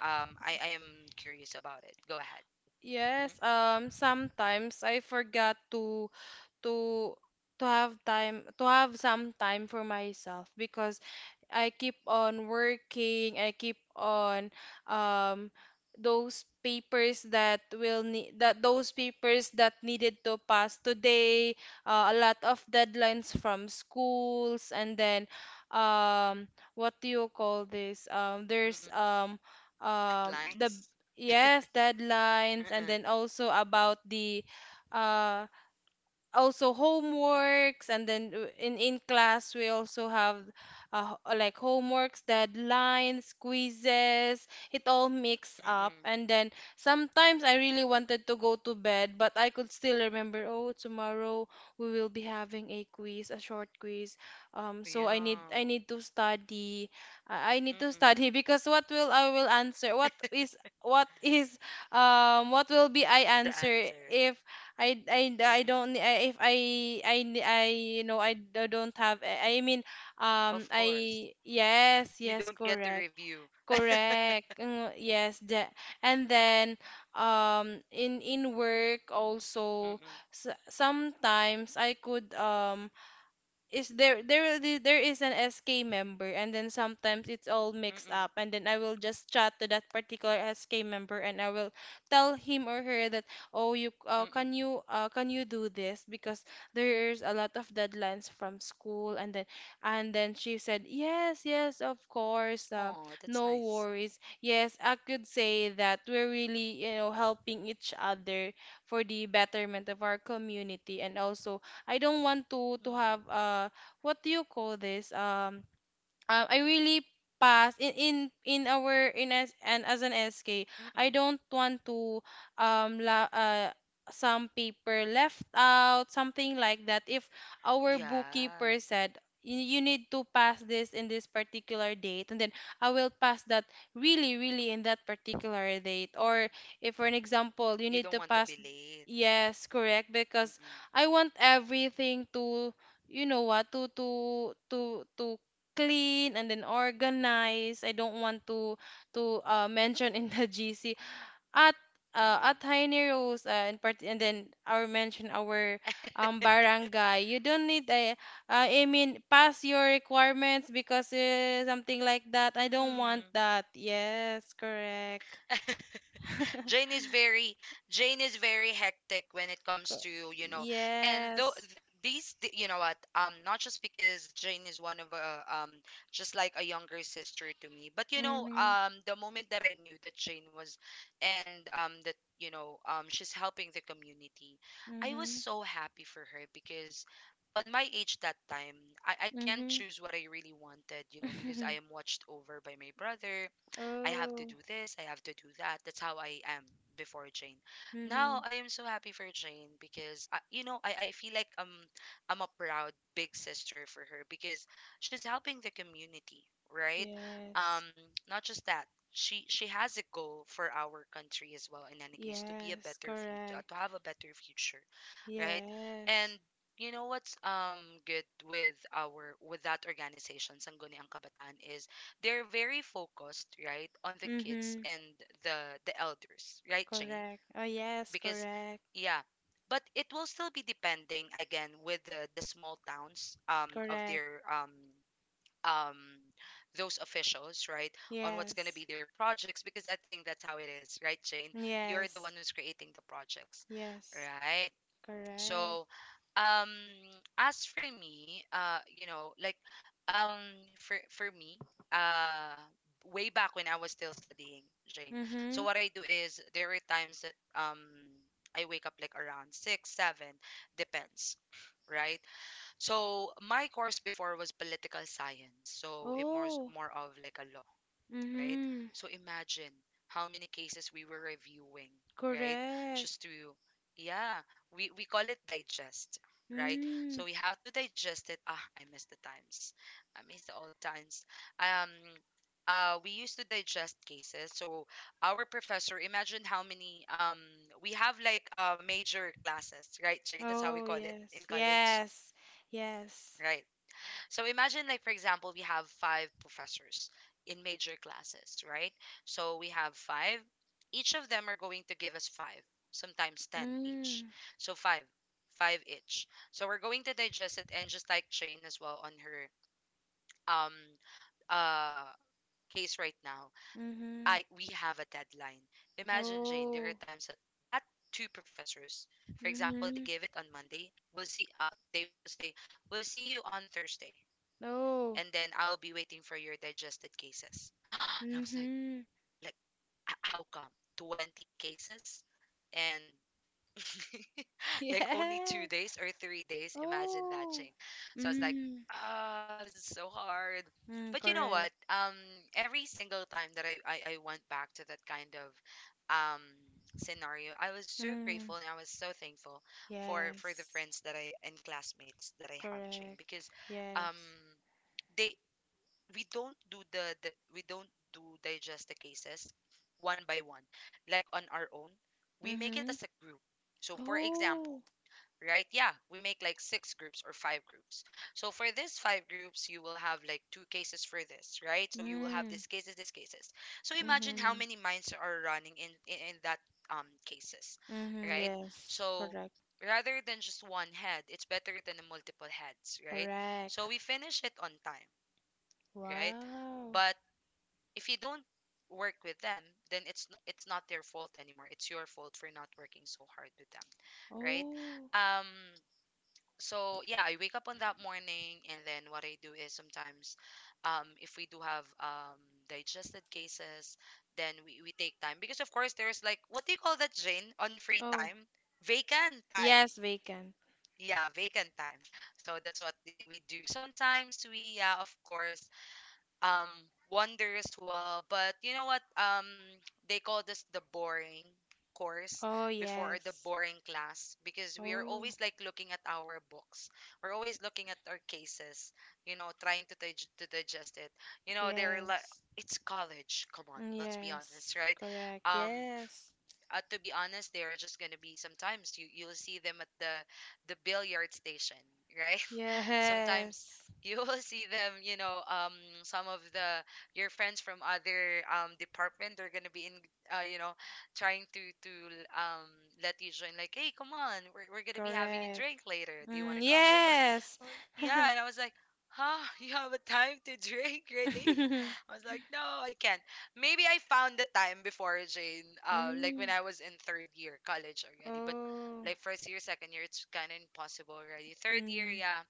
Speaker 1: I am curious about it. Go ahead.
Speaker 2: Yes,
Speaker 1: Mm-hmm.
Speaker 2: sometimes I forgot to to have some time for myself, because I keep on working, I keep on um those papers that needed to pass today, a lot of deadlines from schools. And then, um what do you call this? There's the
Speaker 1: Deadlines?
Speaker 2: Yes, deadlines, and
Speaker 1: Mm-mm.
Speaker 2: then also about the uh also homeworks, and then in class we also have like homeworks, deadlines, quizzes, it all mix up.
Speaker 1: Mm-mm.
Speaker 2: And then sometimes I really wanted to go to bed, but I could still remember, oh, tomorrow we will be having a quiz, a short quiz. So i need
Speaker 1: Yeah.
Speaker 2: i need to study. I need to
Speaker 1: Mm-mm.
Speaker 2: study because what will I will answer, what is what is what will be I
Speaker 1: The
Speaker 2: answer
Speaker 1: answer.
Speaker 2: if I I I
Speaker 1: Mm-mm.
Speaker 2: don't I, if I I n- I you know I d- don't have I mean
Speaker 1: Of course.
Speaker 2: I yes,
Speaker 1: You
Speaker 2: yes,
Speaker 1: don't get to
Speaker 2: correct.
Speaker 1: review.
Speaker 2: Correct. Yes, that. And then in work also,
Speaker 1: Mm-mm.
Speaker 2: s sometimes I could is there there will be- there is an SK member, and then sometimes it's all mixed up,
Speaker 1: Mm-mm.
Speaker 2: and then I will just chat to that particular SK member. And I will tell him or her that, oh, you can
Speaker 1: Mm-mm.
Speaker 2: you can you do this, because there's a lot of deadlines from school. And then she said, yes, yes, of course.
Speaker 1: Oh, that's
Speaker 2: No
Speaker 1: nice.
Speaker 2: worries. Yes, I could say that we're really, you know, helping each other for the betterment of our community. And also I don't want to have
Speaker 1: Mm.
Speaker 2: what do you call this? I really pass in our in as and as an SK. I
Speaker 1: Mm-mm.
Speaker 2: don't want to um la, uh, some paper left out, something like that. If our
Speaker 1: Yeah.
Speaker 2: bookkeeper said, you need to pass this in this particular date, and then I will pass that really really in that particular date. Or if for an example you
Speaker 1: You
Speaker 2: need to
Speaker 1: don't want to
Speaker 2: pass,
Speaker 1: be late.
Speaker 2: yes, correct, because
Speaker 1: Mm-mm.
Speaker 2: I want everything to, you know, what to clean and then organized. I don't want to mention in the GC at at Tiny Rose in part, and then our mention our barangay. You don't need a I mean, pass your requirements because something like that. I don't want
Speaker 1: Mm-mm.
Speaker 2: that. Yes, correct.
Speaker 1: Mm-mm. Jane is very Jane is very hectic when it comes
Speaker 2: Co-
Speaker 1: to, you know, and though
Speaker 2: Yes.
Speaker 1: th- these th- you know what, um, not just because Jane is one of just like a younger sister to me, but you know,
Speaker 2: Mhm.
Speaker 1: um, the moment that I knew that Jane was, and that, you know, um, she's helping the community, I was
Speaker 2: Mhm.
Speaker 1: so happy for her because on my age that time, I can't
Speaker 2: Mhm.
Speaker 1: choose what I really wanted, you know, because I am watched over by my brother. I have to
Speaker 2: Oh.
Speaker 1: do this, I have to do that. That's how I am before Jane. Now
Speaker 2: Mhm.
Speaker 1: I am so happy for Jane because I feel like I'm a proud big sister for her because she's helping the community, right?
Speaker 2: Yes.
Speaker 1: Um, not just that. She has a goal for our country as well, in any case, to be a
Speaker 2: Yes,
Speaker 1: better future, to
Speaker 2: correct.
Speaker 1: have a better future, right?
Speaker 2: Yes.
Speaker 1: And you know what's good with our with that organization, Sangguniang Kabataan, they're very focused, right, on the kids
Speaker 2: Mm-hmm.
Speaker 1: and the the elders, right, Shane?
Speaker 2: Correct. Oh, yes,
Speaker 1: Because,
Speaker 2: correct.
Speaker 1: yeah, but it will still be depending again with the small towns of
Speaker 2: Correct.
Speaker 1: their um those officials, right, on what's gonna be
Speaker 2: Yes.
Speaker 1: their projects, because I think that's how it is, right, Shane? You're the one
Speaker 2: Yes.
Speaker 1: who's creating the projects,
Speaker 2: Yes.
Speaker 1: right?
Speaker 2: Correct.
Speaker 1: So, um, as for me, you know, like, um, for me, uh, way back when I was still studying, Jane.
Speaker 2: Mm-hmm.
Speaker 1: So what I do is there are times that I wake up like around six, seven, depends, right? So my course before was political science. So it
Speaker 2: Oh.
Speaker 1: more of like a law, right?
Speaker 2: Mm-hmm.
Speaker 1: So imagine how many cases we were reviewing, right?
Speaker 2: Correct.
Speaker 1: Just to, yeah, we call it digest, right?
Speaker 2: Mm.
Speaker 1: So we have to digest it. Ah, I miss the times. I miss the old times. Um, we used to digest cases. So our professor, imagine how many, we have like major classes, right, Jane? That's how we
Speaker 2: Oh,
Speaker 1: call it
Speaker 2: yes.
Speaker 1: in college,
Speaker 2: Yes. Yes.
Speaker 1: right? So imagine, like, for example, we have five professors in major classes, right? So we have five. Each of them are going to give us five, sometimes 10 each.
Speaker 2: Mm.
Speaker 1: So five, five each. So we're going to digest it, and just like Jane as well on her um uh case right now.
Speaker 2: Mm-hmm.
Speaker 1: I, we have a deadline. Imagine Jane, there
Speaker 2: Oh.
Speaker 1: are times that two professors, for example, they
Speaker 2: Mm-hmm.
Speaker 1: give it on Monday. We'll see they will say, "We'll see you on Thursday,"
Speaker 2: Oh.
Speaker 1: and then I'll be waiting for your digested cases. And I was like,
Speaker 2: Mm-hmm.
Speaker 1: like how come 20 cases and like only two
Speaker 2: Yes.
Speaker 1: days or 3 days? Imagine that,
Speaker 2: Oh.
Speaker 1: Shane. So I was like,
Speaker 2: Mm.
Speaker 1: ah, this is so hard.
Speaker 2: Mm,
Speaker 1: But you know what?
Speaker 2: correct.
Speaker 1: Every single time that I went back to that kind of um scenario, I was so grateful
Speaker 2: Mm,
Speaker 1: and I was so thankful for the
Speaker 2: yes.
Speaker 1: friends that I and classmates that I have, Jane,
Speaker 2: Correct.
Speaker 1: because um
Speaker 2: Yes.
Speaker 1: they, we don't do digest the cases one by one, like on our own, we make it
Speaker 2: Mm-hmm.
Speaker 1: as a group, so for example,
Speaker 2: Oh.
Speaker 1: right, yeah, we make like six groups or five groups, so for this five groups you will have like two cases for this, right? So you will have
Speaker 2: Mm,
Speaker 1: this cases, this cases, so imagine how
Speaker 2: mm-hmm.
Speaker 1: many minds are running in that, um, cases,
Speaker 2: Mm-hmm.
Speaker 1: right?
Speaker 2: Yes.
Speaker 1: So,
Speaker 2: Correct.
Speaker 1: rather than just one head, it's better than the multiple heads, right? So
Speaker 2: Correct.
Speaker 1: we finish it on time, right?
Speaker 2: Wow.
Speaker 1: But if you don't work with them, then it's not their fault anymore. It's your fault for not working so hard with them, right?
Speaker 2: Oh.
Speaker 1: Um so yeah, I wake up on that morning and then what I do is sometimes if we do have digested cases, then we take time because of course there's like what do you call that, Jane, on free
Speaker 2: Oh.
Speaker 1: time? Vacant
Speaker 2: Yes,
Speaker 1: time.
Speaker 2: vacant.
Speaker 1: Yeah, vacant time. So that's what we do. Sometimes we, yeah, of course, um wonder as well, but you know what, they called us the boring course
Speaker 2: Oh,
Speaker 1: before, or the
Speaker 2: yes.
Speaker 1: boring class, because we are
Speaker 2: Oh,
Speaker 1: always like looking at our books, we're always looking at our cases, you know, trying to to digest it, you know they're like,
Speaker 2: yes.
Speaker 1: it's college, come on,
Speaker 2: Mm,
Speaker 1: let's be honest,
Speaker 2: yes.
Speaker 1: right?
Speaker 2: Correct.
Speaker 1: um
Speaker 2: Yes.
Speaker 1: to be honest, they are just gonna be sometimes, you'll see them at the billiard station, right? Sometimes
Speaker 2: Yes.
Speaker 1: you will see them, you know, some of the your friends from other department. They're gonna be in, you know, trying to um let you join. Like, hey, come on, we're gonna be having a
Speaker 2: Correct.
Speaker 1: drink later. Do you want
Speaker 2: Mm,
Speaker 1: to come over?
Speaker 2: yes.
Speaker 1: I'm like, yeah, and I was like, huh? You have a time to drink, really? I was like, no, I can't, maybe I found the time before, Jane, like when
Speaker 2: Mm.
Speaker 1: I was in third year college already. But
Speaker 2: Oh,
Speaker 1: like first year, second year, it's kind of impossible already. Third year,
Speaker 2: mm,
Speaker 1: yeah,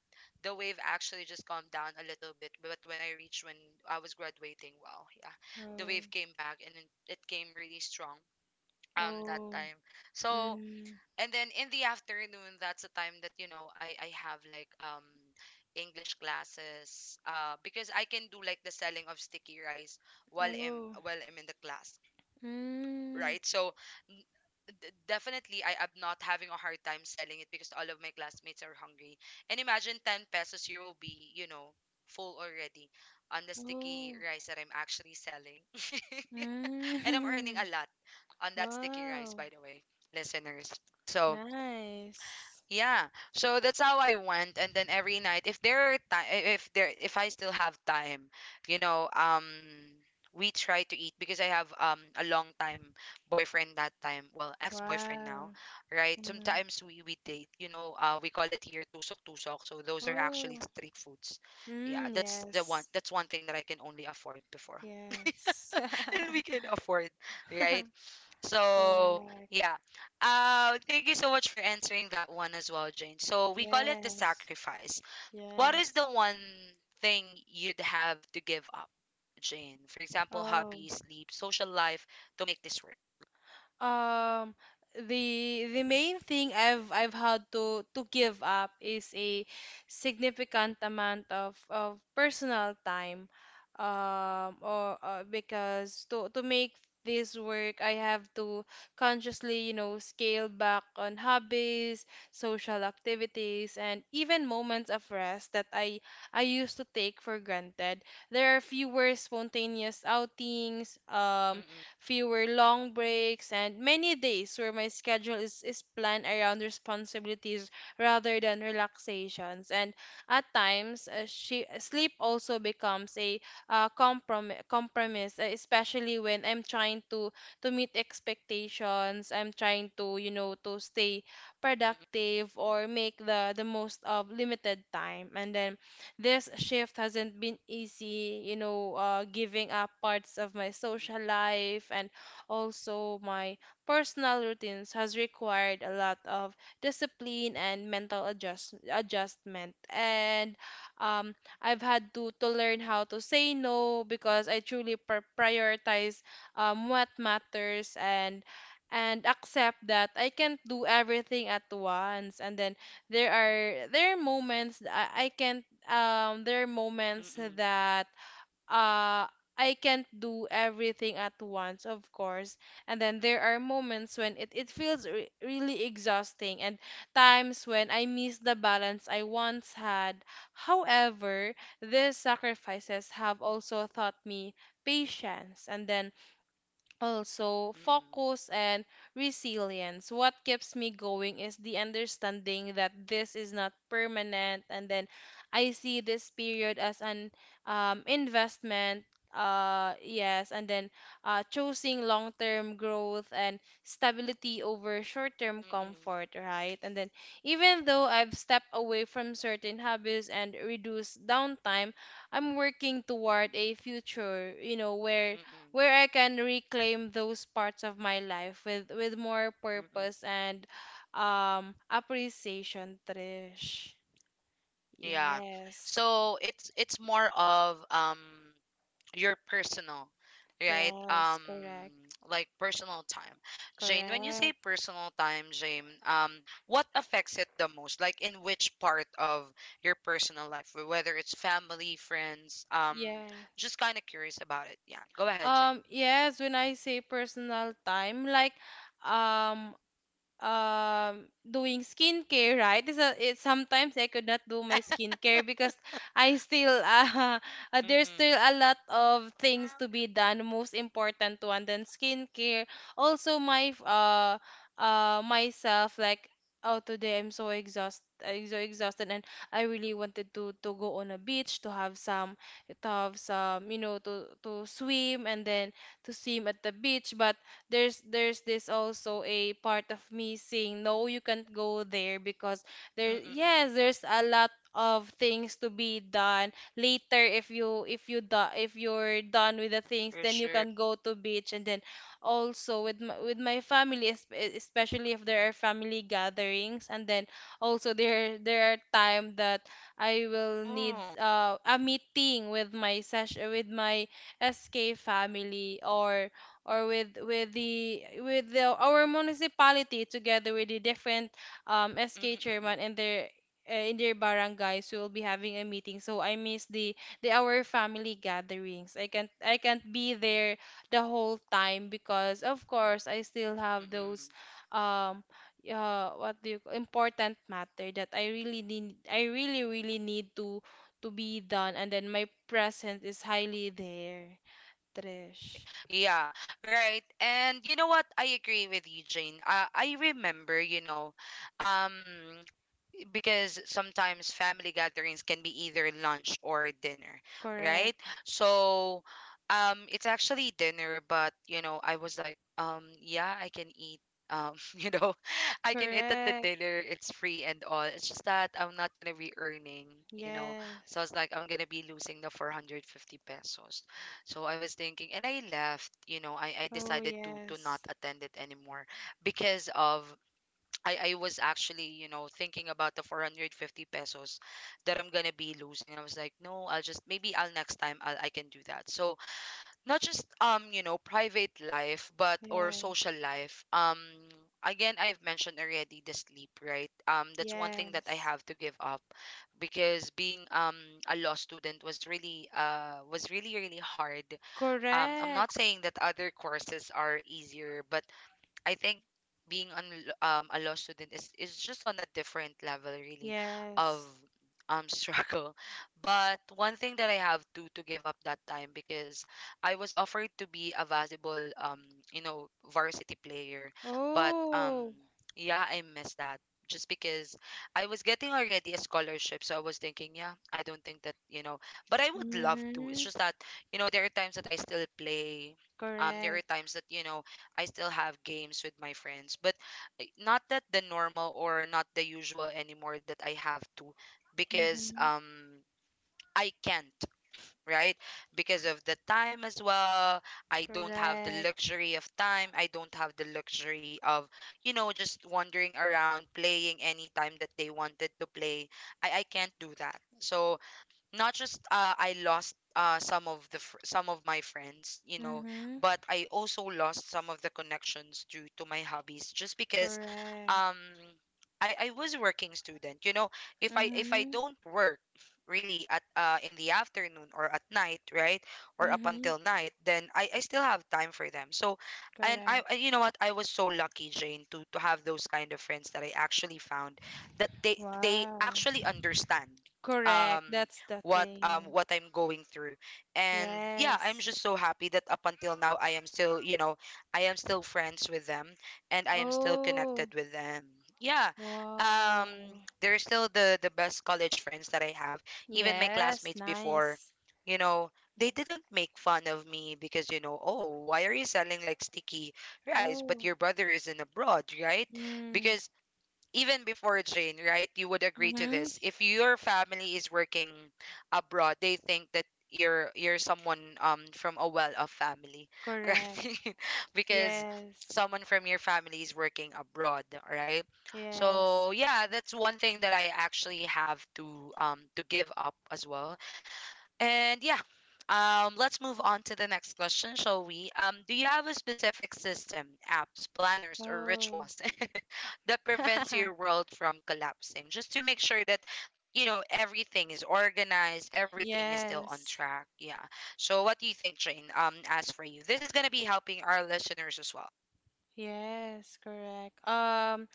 Speaker 1: the wave actually just calmed down a little bit. But when I reached, when I was graduating, wow, yeah, the
Speaker 2: oh,
Speaker 1: wave came back and it came really strong that
Speaker 2: oh,
Speaker 1: time. So,
Speaker 2: mm,
Speaker 1: and then in the afternoon, that's the time that, you know, I have like english classes, because I can do like the selling of sticky rice while i'm
Speaker 2: oh,
Speaker 1: while i'm in the class,
Speaker 2: mm,
Speaker 1: right? So, n- definitely I am not having a hard time selling it because all of my classmates are hungry, and imagine 10 pesos you will be, you know, full already on the sticky
Speaker 2: oh,
Speaker 1: rice that I'm actually selling. And I'm earning
Speaker 2: mm.
Speaker 1: a lot on that sticky rice,
Speaker 2: Wow,
Speaker 1: by the way, listeners. So
Speaker 2: nice.
Speaker 1: yeah. So that's how I went, and then every night, if there are time if there if I still have time, you know, we try to eat because I have a long time boyfriend that time, well, ex-boyfriend now,
Speaker 2: Wow.
Speaker 1: right?
Speaker 2: Mm.
Speaker 1: Sometimes we date, you know, we call it here tusok tusok. So those are actually
Speaker 2: Oh,
Speaker 1: street foods. Yeah,
Speaker 2: mm,
Speaker 1: that's the one
Speaker 2: yes,
Speaker 1: that's one thing that I can only afford before.
Speaker 2: yes.
Speaker 1: And we can afford, right? So
Speaker 2: Correct.
Speaker 1: yeah. Thank you so much for answering that one as well, Jane. So we call it the
Speaker 2: Yes,
Speaker 1: sacrifice. What is the
Speaker 2: yes.
Speaker 1: one thing you'd have to give up, Jane? For example,
Speaker 2: Oh,
Speaker 1: hobby, sleep, social life, to make this work.
Speaker 2: Um, the main thing I've had to give up is a significant amount of personal time, or because to make this work, I have to consciously, you know, scale back on hobbies, social activities, and even moments of rest that I used to take for granted. There are fewer spontaneous outings,
Speaker 1: Mm-mm,
Speaker 2: fewer long breaks, and many days where my schedule is planned around responsibilities rather than relaxations. And at times, sleep also becomes a compromise, especially when I'm trying to meet expectations. I'm trying to, you know, to stay
Speaker 1: mm-mm,
Speaker 2: productive or make the most of limited time. And then this shift hasn't been easy, you know, giving up parts of my social
Speaker 1: mm-mm,
Speaker 2: life and also my personal routines has required a lot of discipline and mental adjustment. And um, I've had to learn how to say no, because I truly pr prioritize what matters, and accept that I can't do everything at once. And then there are moments that I can't there are moments
Speaker 1: mm-mm,
Speaker 2: that uh I can't do everything at once, of course. And then there are moments when it feels really exhausting, and times when I miss the balance I once had. However, these sacrifices have also taught me patience, and then also
Speaker 1: mm-mm,
Speaker 2: focus and resilience. What keeps me going is the understanding that this is not permanent, and then I see this period as an investment. Yes. And then choosing long-term growth and stability over short-term
Speaker 1: mm-mm,
Speaker 2: comfort, right? And then even though I've stepped away from certain hobbies and reduced downtime, I'm working toward a future, you know, where
Speaker 1: mm-mm,
Speaker 2: I can reclaim those parts of my life with more
Speaker 1: mm-mm.
Speaker 2: purpose and appreciation, Trish.
Speaker 1: Yeah.
Speaker 2: Yes.
Speaker 1: So it's more of your personal, right?
Speaker 2: Yes, correct.
Speaker 1: Like personal time, Jane. When you say
Speaker 2: Correct.
Speaker 1: personal time, Jane, what affects it the most, like in which part of your personal life, whether it's family, friends,
Speaker 2: Yeah.
Speaker 1: just kind of curious about it. Yeah, go ahead, Jane.
Speaker 2: Yes, when I say personal time, like um doing skincare, right? It's a it sometimes I could not do my skincare because I still there's
Speaker 1: Mm-mm,
Speaker 2: still a lot of things to be done, most important one than skincare. Also my myself, like, oh, today I'm so exhausted. I'm so exhausted, and I really wanted to go on a beach to have some, you know, to swim. And then to swim at the beach. But there's this also a part of me saying, no, you can't go there because there—
Speaker 1: mm-mm,
Speaker 2: yes,
Speaker 1: mm,
Speaker 2: there's a lot of things to be done later. If you if you do— if you're done with the things,
Speaker 1: for
Speaker 2: then you
Speaker 1: sure,
Speaker 2: can go to beach. And then also with with my family, espe— especially if there are family gatherings. And then also there are time that I will need
Speaker 1: uh-oh,
Speaker 2: a meeting with my sesh with my SK family, or with with the our municipality, together with the different
Speaker 1: mm,
Speaker 2: SK chairman
Speaker 1: mm-mm,
Speaker 2: and their in their barangays. We will be having a meeting, so I miss the our family gatherings. I can't be there the whole time, because of course I still have
Speaker 1: mm-mm.
Speaker 2: those um what do you call— important matter that I really really need to be done, and then my presence is highly there, Trish.
Speaker 1: Okay. Yeah. Right. And you know what? I agree with you, Jane. I remember, you know, um, because sometimes family gatherings can be either lunch or dinner, right?
Speaker 2: Correct.
Speaker 1: So, it's actually dinner, but, you know, I was like, yeah, I can eat, you know, I can eat at the
Speaker 2: Correct.
Speaker 1: dinner, it's free and all. It's just that I'm not going to be earning, you know. So I
Speaker 2: Yes.
Speaker 1: was like, I'm going to be losing the 450 pesos. So I was thinking, and I left, you know, I
Speaker 2: Oh,
Speaker 1: decided to not
Speaker 2: yes.
Speaker 1: attend it anymore because of, I was actually, you know, thinking about the 450 pesos that I'm gonna be losing. And I was like, no, I'll just, maybe I'll, next time I'll, I can do that. So not just, you know, private life, but or
Speaker 2: Yes.
Speaker 1: social life. Again, I've mentioned already the sleep, right? That's one thing that I
Speaker 2: Yes.
Speaker 1: have to give up because being a law student was really really hard. I'm not
Speaker 2: Correct.
Speaker 1: saying that other courses are easier, but I think being on, a law student is just on a different level, really, of
Speaker 2: Yes.
Speaker 1: struggle. But one thing that I have to give up that time because I was offered to be a valuable you know varsity player, but
Speaker 2: Oh.
Speaker 1: yeah, I missed that just because I was getting already a scholarship, so I was thinking, yeah, I don't think that, you know, but I would love to. It's
Speaker 2: Mm-hmm.
Speaker 1: just that, you know, there are times that I still play. There are
Speaker 2: Correct.
Speaker 1: times that, you know, I still have games with my friends, but, not that the normal or not the usual anymore, that I have to, because
Speaker 2: Mm-hmm.
Speaker 1: I can't, right? Because of the time as well. I don't have the
Speaker 2: Correct.
Speaker 1: luxury of time. I don't have the luxury of, you know, just wandering around playing any time that they wanted to play. I can't do that. So not just, I lost, some of the some of my friends, you know,
Speaker 2: Mm-hmm.
Speaker 1: but I also lost some of the connections due to my hobbies just because
Speaker 2: Correct.
Speaker 1: um I was a working student, you know, if I
Speaker 2: Mm-hmm.
Speaker 1: don't work really at, in the afternoon or at night, right, or up
Speaker 2: Mm-hmm.
Speaker 1: until night, then I still have time for them. So, and I
Speaker 2: Correct.
Speaker 1: and you know what, I was so lucky, Jane, to have those kind of friends that I actually found that they
Speaker 2: Wow.
Speaker 1: actually understand
Speaker 2: Correct.
Speaker 1: um
Speaker 2: That's the thing.
Speaker 1: what I'm going through. And yeah, I'm
Speaker 2: Yes.
Speaker 1: just so happy that up until now, I am still, you know, I am still friends with them, and I am still
Speaker 2: Oh.
Speaker 1: connected with them. Yeah.
Speaker 2: Wow.
Speaker 1: They're still the best college friends that I have. Even my
Speaker 2: Yes.
Speaker 1: classmates before,
Speaker 2: Nice.
Speaker 1: you know, they didn't make fun of me because, you know, oh, why are you selling like sticky rice but
Speaker 2: Oh.
Speaker 1: your brother isn't abroad, right?
Speaker 2: Mm.
Speaker 1: Because even before, Jane, right? You would agree to
Speaker 2: Mm-hmm.
Speaker 1: this. If your family is working abroad, they think that you're someone from a well-off family,
Speaker 2: Correct.
Speaker 1: right? Because
Speaker 2: Yes.
Speaker 1: someone from your family is working abroad, right?
Speaker 2: Yes.
Speaker 1: So yeah, that's one thing that I actually have to, to give up as well. And yeah, let's move on to the next question, shall we? Do you have a specific system, apps, planners, or
Speaker 2: Oh.
Speaker 1: rituals that prevents your world from collapsing? Just to make sure that, you know, everything is organized, everything is still on
Speaker 2: Yes.
Speaker 1: track. Yeah. So what do you think, Jane? As for you, this is gonna be helping our listeners as well.
Speaker 2: Yes, correct.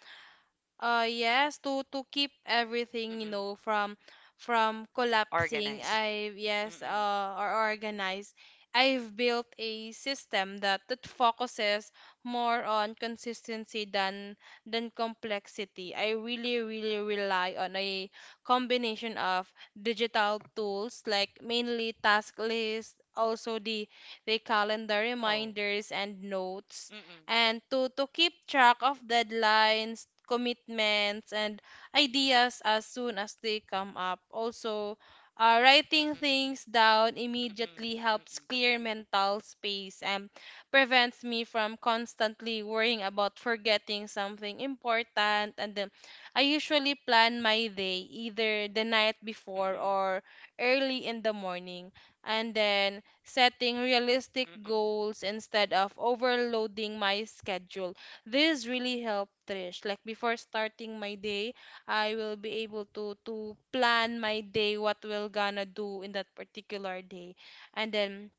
Speaker 2: Yes, to keep everything, you
Speaker 1: Mm-mm.
Speaker 2: know, from collapsing,
Speaker 1: Organized.
Speaker 2: I yes,
Speaker 1: Mm-mm.
Speaker 2: or organized. I've built a system that focuses more on consistency than complexity. I really, really rely on a combination of digital tools, like mainly task lists, also the calendar
Speaker 1: Wow.
Speaker 2: reminders and notes,
Speaker 1: Mm-mm.
Speaker 2: and to keep track of deadlines, commitments, and ideas as soon as they come up. Also, writing
Speaker 1: Mm-mm.
Speaker 2: things down
Speaker 1: Mm-mm.
Speaker 2: immediately helps
Speaker 1: Mm-mm.
Speaker 2: clear mental space and prevents me from constantly worrying about forgetting something important. And then I usually plan my day either the night before
Speaker 1: Mm-mm.
Speaker 2: or early in the morning. And then setting realistic
Speaker 1: Mm-mm. Mm-mm.
Speaker 2: goals instead of overloading my schedule. This really helped, Trish. Like before starting my day, I will be able to plan my day, what we're gonna do in that particular day. And then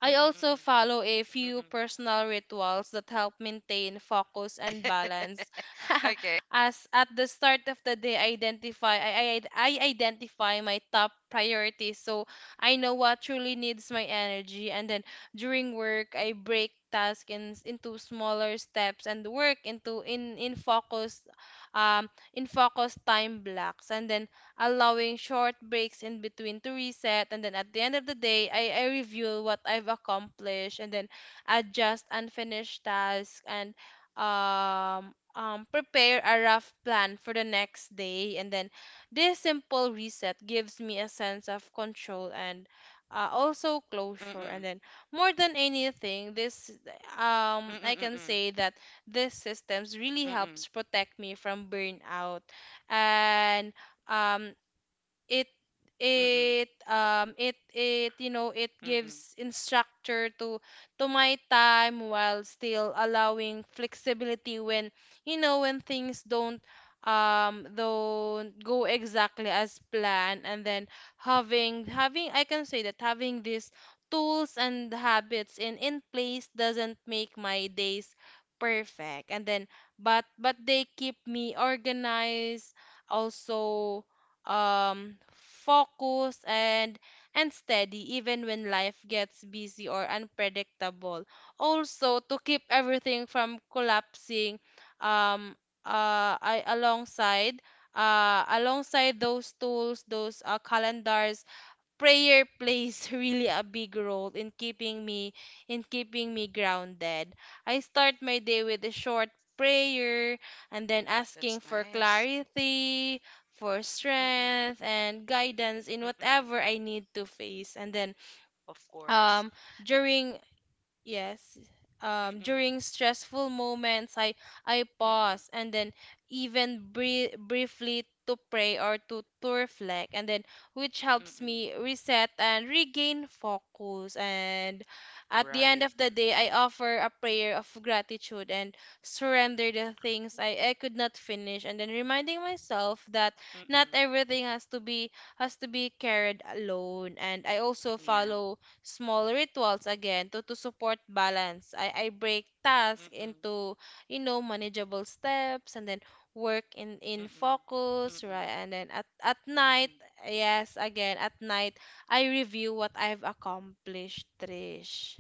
Speaker 2: I also
Speaker 1: Mm-mm.
Speaker 2: follow a few
Speaker 1: Mm-mm.
Speaker 2: personal rituals that help maintain focus and balance.
Speaker 1: Okay.
Speaker 2: As at the start of the day, I identify my top priorities, so I know what truly needs my energy. And then during work, I break tasks into smaller steps and work into um in focus time blocks. And then allowing short breaks in between to reset, and then at the end of the day, I review what I've accomplished, and then adjust unfinished tasks and prepare a rough plan for the next day. And then this simple reset gives me a sense of control and also closure. And
Speaker 1: Mm-mm.
Speaker 2: then more than anything, this I
Speaker 1: Mm-mm,
Speaker 2: can
Speaker 1: mm-mm.
Speaker 2: say that this systems really helps
Speaker 1: Mm-mm.
Speaker 2: protect me from burnout, and um it
Speaker 1: Mm-mm.
Speaker 2: it, you know, it
Speaker 1: Mm-mm.
Speaker 2: gives instructor to my time, while still allowing flexibility when, you know, when things don't go exactly as planned. And then having— I can say that having these tools and habits in place doesn't make my days perfect. And then but they keep me organized, also focused, and steady, even when life gets busy or unpredictable. Also, to keep everything from collapsing, um, I alongside alongside those tools, those calendars, prayer plays really a big role in
Speaker 1: Mm-mm.
Speaker 2: keeping me grounded. I start my day with a short prayer, and then asking
Speaker 1: That's
Speaker 2: for
Speaker 1: nice.
Speaker 2: clarity, for
Speaker 1: Mm-mm.
Speaker 2: strength and guidance in
Speaker 1: Mm-mm.
Speaker 2: whatever I need to face. And then
Speaker 1: Of
Speaker 2: um
Speaker 1: course.
Speaker 2: during Yes.
Speaker 1: Mm-mm.
Speaker 2: During stressful moments, I pause,
Speaker 1: Mm-mm.
Speaker 2: and then even briefly to pray or to reflect, and then— which helps
Speaker 1: Mm-mm.
Speaker 2: me reset and regain focus. And at the end
Speaker 1: Right.
Speaker 2: of the day, I offer a prayer of gratitude, and surrender the things I
Speaker 1: Ooh.
Speaker 2: could not finish, and then reminding myself that not
Speaker 1: Mm-mm.
Speaker 2: everything has to be carried alone. And I also
Speaker 1: Yeah.
Speaker 2: follow small rituals again to support balance. I break tasks
Speaker 1: Mm-mm.
Speaker 2: into, you know, manageable steps, and then work in
Speaker 1: Mm-mm.
Speaker 2: focus, right?
Speaker 1: Mm-mm.
Speaker 2: And then at night,
Speaker 1: Mm-mm.
Speaker 2: yes, again, at night, I review what I've accomplished, Trish.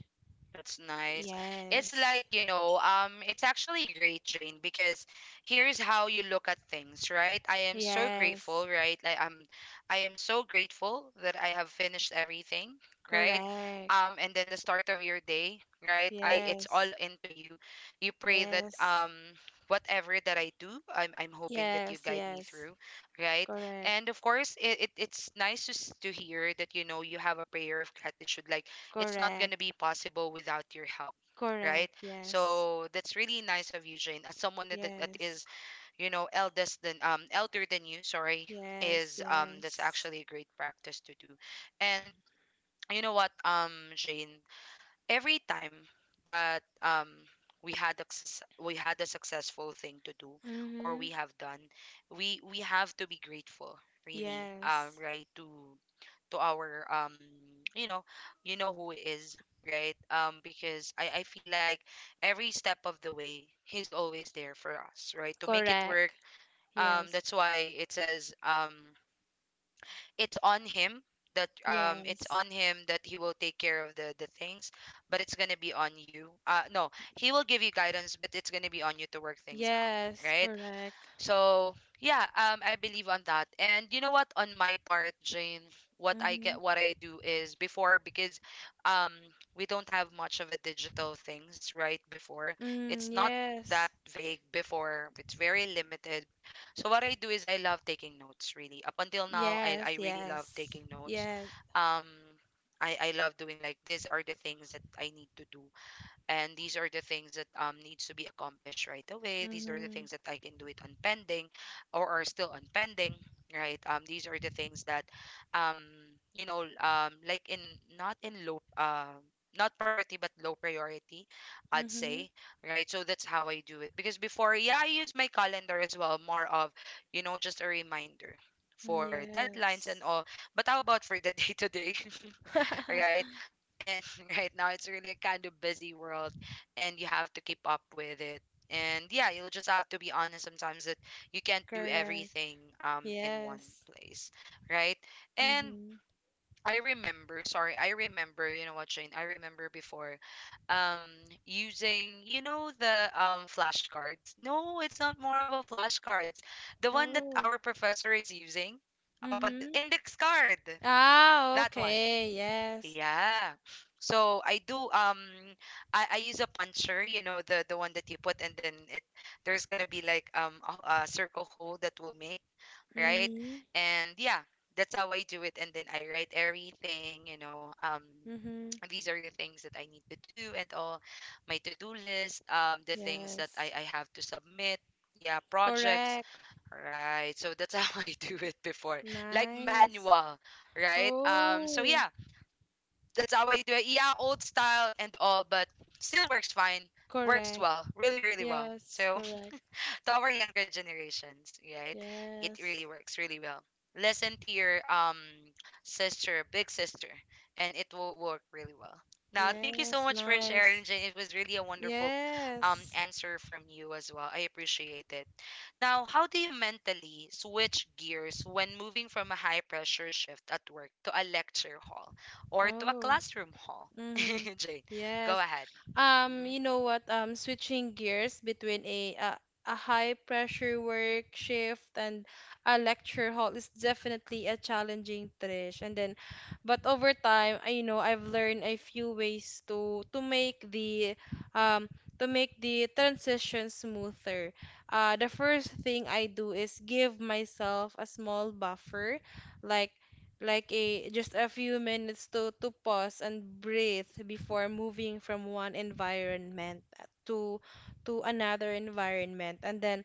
Speaker 1: That's nice. It's
Speaker 2: Yes.
Speaker 1: like, you know, it's actually great, Jane, because here's how you look at things, right? I am so
Speaker 2: Yes.
Speaker 1: grateful, right? Like I am so grateful that I have finished everything, right?
Speaker 2: Correct.
Speaker 1: And then the start of your day, right? I It's
Speaker 2: Yes.
Speaker 1: all into you. You pray that,
Speaker 2: Yes.
Speaker 1: whatever that I do, I'm hoping that you
Speaker 2: Yes.
Speaker 1: guide me
Speaker 2: Yes.
Speaker 1: through, right?
Speaker 2: Correct.
Speaker 1: And of course, it it's nice to hear that, you know, you have a prayer of gratitude, like it's not going to
Speaker 2: Correct.
Speaker 1: be possible without your help, right?
Speaker 2: Correct. Yes.
Speaker 1: So that's really nice of you, Jane. As someone that, that
Speaker 2: Yes.
Speaker 1: is, you know, eldest than, elder than you, sorry,
Speaker 2: Yes,
Speaker 1: is, that's
Speaker 2: yes.
Speaker 1: actually a great practice to do. And you know what, Jane, every time that, we had a successful thing to do, or
Speaker 2: Mm-hmm.
Speaker 1: we have done, we have to be grateful, really,
Speaker 2: Yes.
Speaker 1: right, to our, you know, you know who he is, right? Because I feel like every step of the way, he's always there for us, right, to make it work.
Speaker 2: Correct. Yes.
Speaker 1: That's why it says, it's on him it's
Speaker 2: Yes.
Speaker 1: on him that he will take care of the things, but it's going to be on you, uh, no, he will give you guidance, but it's going to be on you to work things out,
Speaker 2: Yes,
Speaker 1: right?
Speaker 2: correct.
Speaker 1: So yeah, I believe on that. And you know what? On my part, Jane,
Speaker 2: Mm-hmm.
Speaker 1: what I do is before because, um, we don't have much of a digital things right before.
Speaker 2: Mm,
Speaker 1: It's not that
Speaker 2: yes.
Speaker 1: vague before. It's very limited. So what I do is I love taking notes. Really, up until now, I
Speaker 2: Yes,
Speaker 1: really love
Speaker 2: yes.
Speaker 1: taking notes.
Speaker 2: Yes.
Speaker 1: Um. I love doing like these are the things that I need to do and these are the things that needs to be accomplished right away, these are the
Speaker 2: Mm-hmm.
Speaker 1: things that I can do it on pending or are still on pending, right? These are the things that um you know, like in not in low uh not priority but low priority, I'd
Speaker 2: Mm-hmm.
Speaker 1: say, right? So that's how I do it because before, yeah, I use my calendar as well, more of you know just a reminder for deadlines
Speaker 2: Yes.
Speaker 1: and all. But how about for the day to day, right? And right now it's really a kind of busy world and you have to keep up with it. And yeah, you'll just have to be honest sometimes that you can't do
Speaker 2: Correct.
Speaker 1: everything in one
Speaker 2: Yes.
Speaker 1: place, right? And
Speaker 2: Mm-hmm.
Speaker 1: I remember, sorry, I remember, you know what, Shane, I remember before um using, you know, the flashcards. No, it's not more of a flashcards. The one that
Speaker 2: Oh.
Speaker 1: our professor is using up until
Speaker 2: Mm-hmm.
Speaker 1: index card.
Speaker 2: Ah,
Speaker 1: That one.
Speaker 2: okay. Yes.
Speaker 1: Yeah. So I do I use a puncher, you know, the one that you put and then it there's gonna be like a circle hole that will make, right?
Speaker 2: Mm-hmm.
Speaker 1: And yeah, that's how I do it and then I write everything, you know,
Speaker 2: Mm-hmm.
Speaker 1: these are the things that I need to do and all my to-do list, the things that
Speaker 2: Yes.
Speaker 1: I have to submit, yeah, projects.
Speaker 2: Correct.
Speaker 1: Right. So that's how I do it before. Like
Speaker 2: Nice.
Speaker 1: manual, right? So
Speaker 2: Oh,
Speaker 1: yeah, that's how I do it. Yeah, old style and all, but still works fine. Works
Speaker 2: correct.
Speaker 1: well. Really, really well.
Speaker 2: Yes,
Speaker 1: So
Speaker 2: correct.
Speaker 1: to our younger generations, right? It really
Speaker 2: Yes.
Speaker 1: works really well. Listen to your sister, big sister, and it will work really well. Now, thank you so
Speaker 2: Yes,
Speaker 1: much for
Speaker 2: nice.
Speaker 1: sharing, Jane. It was really a wonderful
Speaker 2: Yes.
Speaker 1: answer from you as well. I appreciate it. Now, how do you mentally switch gears when moving from a high pressure shift at work to a lecture hall or to a
Speaker 2: Oh,
Speaker 1: classroom hall?
Speaker 2: mm-hmm.
Speaker 1: Jane, go
Speaker 2: Yes,
Speaker 1: ahead. Mm-hmm.
Speaker 2: You know what? Switching gears between a high pressure work shift and a lecture hall is definitely a challenging, Trish. And then, but over time, I've learned a few ways to make the um to make the transition smoother. The first thing I do is give myself a small buffer, like like a just a few minutes to pause and breathe before moving from one environment to another environment. And then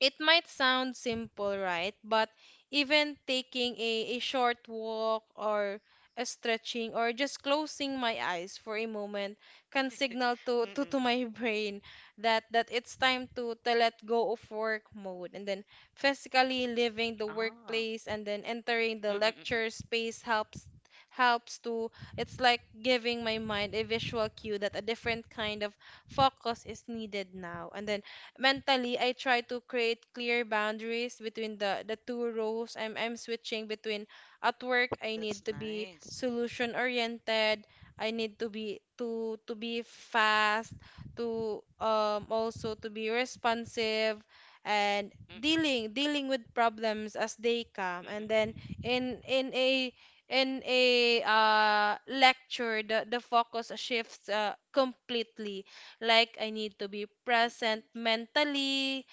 Speaker 2: it might sound simple, right? But even taking a short walk or a stretching or just closing my eyes for a moment can signal
Speaker 1: Mm-mm.
Speaker 2: to my brain that it's time to let go of work mode. And then physically leaving the
Speaker 1: Ah.
Speaker 2: workplace and then entering the
Speaker 1: Mm-mm-mm.
Speaker 2: lecture space helps, helps to it's like giving my mind a visual cue that a different kind of focus is needed now. And then mentally I try to create clear boundaries between the two roles I'm switching between. At work I need
Speaker 1: That's
Speaker 2: to be
Speaker 1: nice.
Speaker 2: solution oriented. I need to be to be fast, to also to be responsive, and
Speaker 1: Mm-mm.
Speaker 2: dealing with problems as they come. And then
Speaker 1: Mm-mm.
Speaker 2: in in a in a lecture the focus shifts completely. Like I need to be present
Speaker 1: Mm-mm.
Speaker 2: mentally,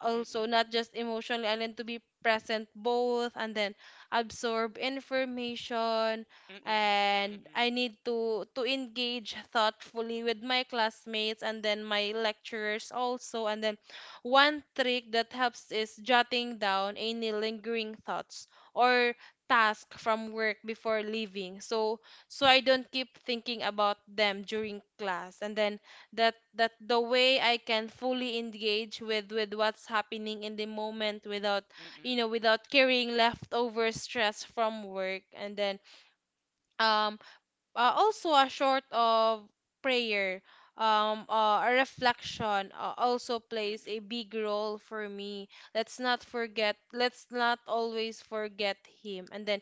Speaker 2: also
Speaker 1: Mm-mm.
Speaker 2: not just emotionally, I need to be present both. And then absorb information,
Speaker 1: Mm-mm.
Speaker 2: and
Speaker 1: Mm-mm.
Speaker 2: I need to engage thoughtfully with my classmates and then my lecturers also. And then one trick that helps is jotting down any lingering thoughts or task from work before leaving, so I don't keep thinking about them during class. And then that the way I can fully engage with what's happening in the moment without
Speaker 1: Mm-mm. Mm-mm.
Speaker 2: without carrying leftover stress from work. And then um also a short of prayer, a reflection also plays a
Speaker 1: Mm-mm.
Speaker 2: big role for me. Let's not forget, let's not always forget him. And then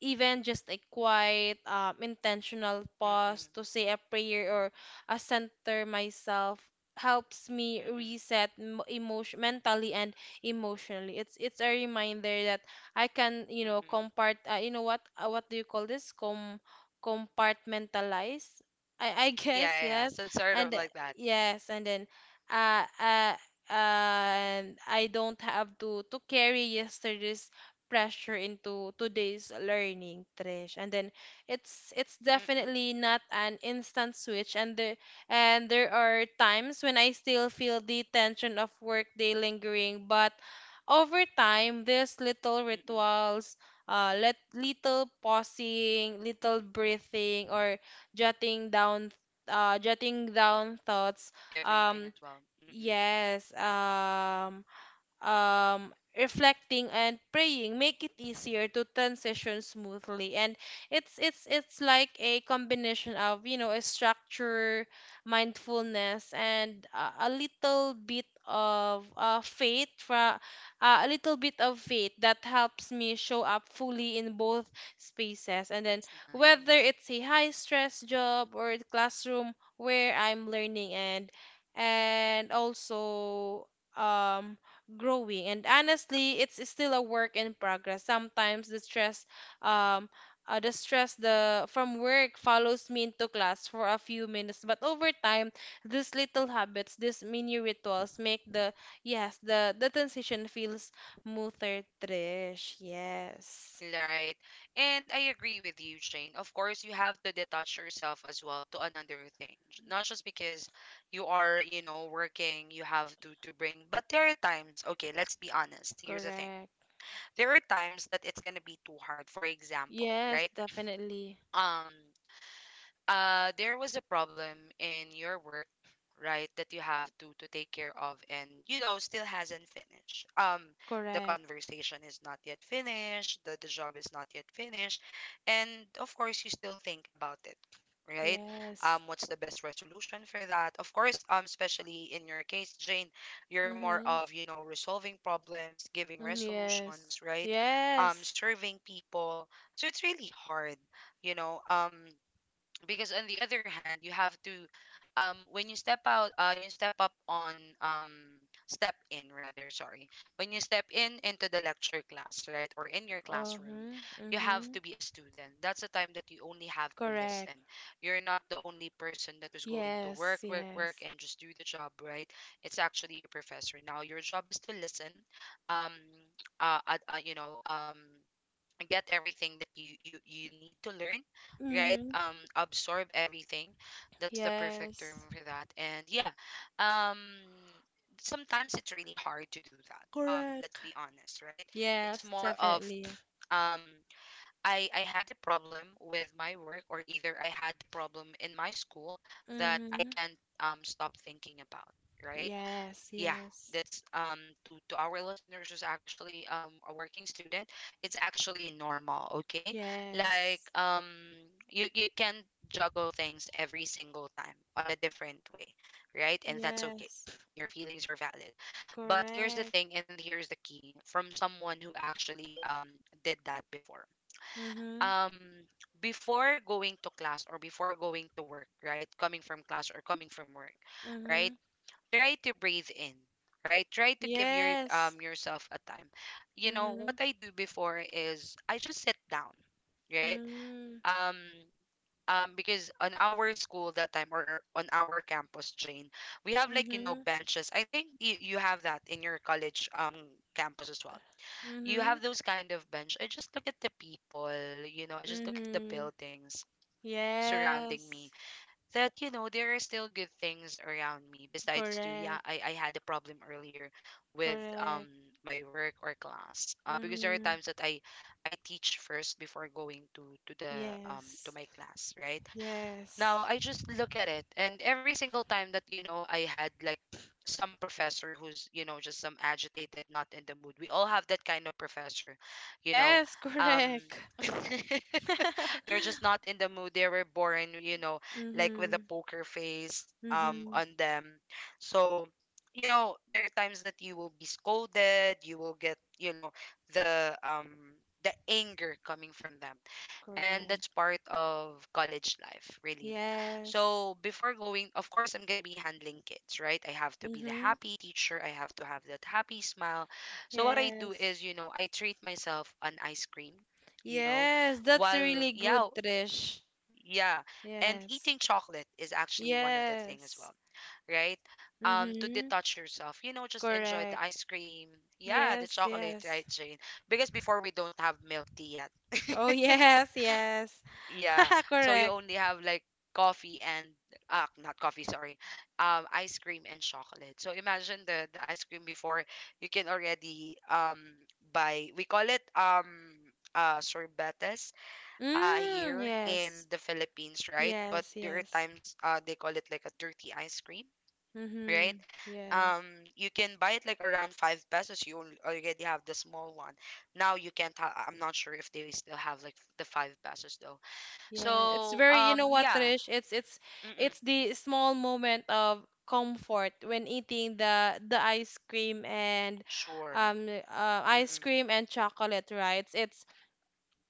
Speaker 2: even just a quiet, intentional pause
Speaker 1: Mm-mm.
Speaker 2: to say a prayer or a center myself helps me
Speaker 1: Mm-mm.
Speaker 2: reset emotion mentally and emotionally. It's a reminder that I can,
Speaker 1: Mm-mm.
Speaker 2: compart, what do you call this, compartmentalize, I
Speaker 1: Yeah,
Speaker 2: guess.
Speaker 1: yeah, yeah.
Speaker 2: Yes,
Speaker 1: So it's sort of
Speaker 2: and
Speaker 1: like that.
Speaker 2: yes. And then uh uh and I don't have to carry yesterday's pressure into today's learning, Trish. And then it's
Speaker 1: Mm-mm.
Speaker 2: definitely not an instant switch. And there are times when I still feel the tension of workday lingering, but over time these little
Speaker 1: Mm-mm.
Speaker 2: rituals, let little pausing, little breathing, or jotting down, jotting down thoughts.
Speaker 1: Everything
Speaker 2: Um,
Speaker 1: as well. Mm-mm.
Speaker 2: yes. Reflecting and praying make it easier to transition smoothly. And it's like a combination of, a structure, mindfulness, and a little bit of, faith, a little bit of faith that helps me show up fully in both spaces. And then
Speaker 1: That's
Speaker 2: whether
Speaker 1: nice.
Speaker 2: it's a high stress job or a classroom where I'm learning and also um growing. And honestly, it's still a work in progress. Sometimes the stress,
Speaker 1: Mm-mm.
Speaker 2: um the stress the from work follows me into class for a few minutes, but over time these little habits, these mini rituals make the, yes, the transition feels smoother, Trish. Yes,
Speaker 1: Right. And I agree with you, Jane. Of course, you have to detach yourself as well to another thing. Not just because you are, you know, working, you have to bring, but there are times, okay, let's be honest. Here's the thing,
Speaker 2: correct.
Speaker 1: there are times that it's gonna be too hard. For example,
Speaker 2: Yes,
Speaker 1: right?
Speaker 2: definitely.
Speaker 1: Um, there was a problem in your work, right, that you have to take care of and you know still hasn't finished, the
Speaker 2: Correct.
Speaker 1: conversation is not yet finished, the job is not yet finished, and of course you still think about it, right?
Speaker 2: Yes.
Speaker 1: What's the best resolution for that? Of course, especially in your case, Jane, you're more
Speaker 2: Mm-hmm.
Speaker 1: of, you know, resolving problems, giving
Speaker 2: Mm-hmm. Yes,
Speaker 1: resolutions, right?
Speaker 2: yes.
Speaker 1: Serving people, so it's really hard, you know, because on the other hand you have to when you step out you step up on um step in rather sorry, when you step in into the lecture class, right, or in your classroom,
Speaker 2: Uh-huh.
Speaker 1: you have
Speaker 2: Mm-hmm.
Speaker 1: to be a student. That's the time that you only have to
Speaker 2: Correct.
Speaker 1: listen. You're not the only person that is going to
Speaker 2: Yes,
Speaker 1: work
Speaker 2: yes.
Speaker 1: and just do the job, right? It's actually your professor now. Your job is to listen, um you know, get everything that you need to learn, right?
Speaker 2: Mm-hmm.
Speaker 1: Absorb everything, that's the perfect term
Speaker 2: Yes.
Speaker 1: for that. And yeah, um sometimes it's really hard to do that, let's
Speaker 2: Correct.
Speaker 1: be honest, right? It's
Speaker 2: Yes,
Speaker 1: more of
Speaker 2: definitely.
Speaker 1: um I had a problem with my work, or either I had the problem in my school that I
Speaker 2: Mm-hmm.
Speaker 1: can't stop thinking about, right?
Speaker 2: Yes,
Speaker 1: Yeah,
Speaker 2: yes.
Speaker 1: that's to our listeners who's actually a working student, it's actually normal, okay? Like,
Speaker 2: Yes.
Speaker 1: you you can juggle things every single time on a different way, right? And that's okay.
Speaker 2: Yes.
Speaker 1: Pff, your feelings are valid. But here's the
Speaker 2: Correct.
Speaker 1: thing, and here's the key, from someone who actually did that before.
Speaker 2: Mm-hmm.
Speaker 1: um Before going to class or before going to work, right, coming from class or coming from work, right,
Speaker 2: Mm-hmm.
Speaker 1: try to breathe in, right? Try to give your
Speaker 2: Yes.
Speaker 1: yourself a time. You know
Speaker 2: Mm-hmm.
Speaker 1: what I do before is I just sit down, right?
Speaker 2: Mm-hmm.
Speaker 1: um because on our school that time, or on our campus, Jane, we have like you know
Speaker 2: Mm-hmm.
Speaker 1: benches. I think you, you have that in your college campus as well. You
Speaker 2: Mm-hmm.
Speaker 1: have those kind of bench. I just look at the people, you know, I just look at the
Speaker 2: Mm-hmm.
Speaker 1: buildings surrounding me,
Speaker 2: Yes.
Speaker 1: that you know there are still good things around me. Besides to, yeah,
Speaker 2: Correct.
Speaker 1: I had a problem earlier with
Speaker 2: Correct.
Speaker 1: my work or class, because there are
Speaker 2: Mm-hmm.
Speaker 1: times that I teach first before going to the to
Speaker 2: Yes.
Speaker 1: my class, right?
Speaker 2: Yes.
Speaker 1: Now I just look at it. And every single time that, you know, I had like some professor who's you know just some agitated, not in the mood. We all have that kind of professor, you know.
Speaker 2: Yes,
Speaker 1: um
Speaker 2: correct.
Speaker 1: they're just not in the mood. They were born, you know, like with a
Speaker 2: Mhm.
Speaker 1: poker face
Speaker 2: Mhm.
Speaker 1: on them. So you know there are times that you will be scolded, you will get, you know, the um the anger coming from them, and
Speaker 2: Correct.
Speaker 1: that's part of college life, really.
Speaker 2: Yes.
Speaker 1: So before going, of course I'm going to be handling kids, right? I have to be the
Speaker 2: Mhm.
Speaker 1: happy teacher, I have to have that happy smile. So what I do
Speaker 2: Yes.
Speaker 1: is, you know, I treat myself an ice cream, you know,
Speaker 2: Yes, that's
Speaker 1: while
Speaker 2: really
Speaker 1: yeah,
Speaker 2: good, Trish.
Speaker 1: yeah, and
Speaker 2: Yes.
Speaker 1: eating chocolate is actually one of the things as
Speaker 2: Yes.
Speaker 1: well, right? To
Speaker 2: Mm-hmm.
Speaker 1: detach yourself, you know, just enjoy the
Speaker 2: Correct.
Speaker 1: ice cream. Yeah, the
Speaker 2: Yes,
Speaker 1: chocolate,
Speaker 2: yes.
Speaker 1: right, Jane? Because before we don't have milk tea yet.
Speaker 2: Oh, yes, yes.
Speaker 1: Yeah, so you
Speaker 2: Correct.
Speaker 1: only have like coffee and not coffee, sorry, ice cream and chocolate. So imagine the ice cream before, you can already buy. We call it sorbetes,
Speaker 2: Mm,
Speaker 1: here
Speaker 2: yes.
Speaker 1: in the Philippines, right? But
Speaker 2: Yes,
Speaker 1: there are
Speaker 2: yes.
Speaker 1: times, they call it like a dirty ice cream, right?
Speaker 2: Mm-hmm. Yes.
Speaker 1: Um, you can buy it like around 5 pesos. You already have the small one. Now you can't. I'm not sure if they still have like the 5 pesos though.
Speaker 2: Yeah, it's
Speaker 1: So
Speaker 2: very, you
Speaker 1: um,
Speaker 2: know what,
Speaker 1: yeah.
Speaker 2: Trish? It's
Speaker 1: Mm-mm.
Speaker 2: it's the small moment of comfort when eating the
Speaker 1: Sure.
Speaker 2: ice
Speaker 1: Mm-mm.
Speaker 2: cream and chocolate, right? It's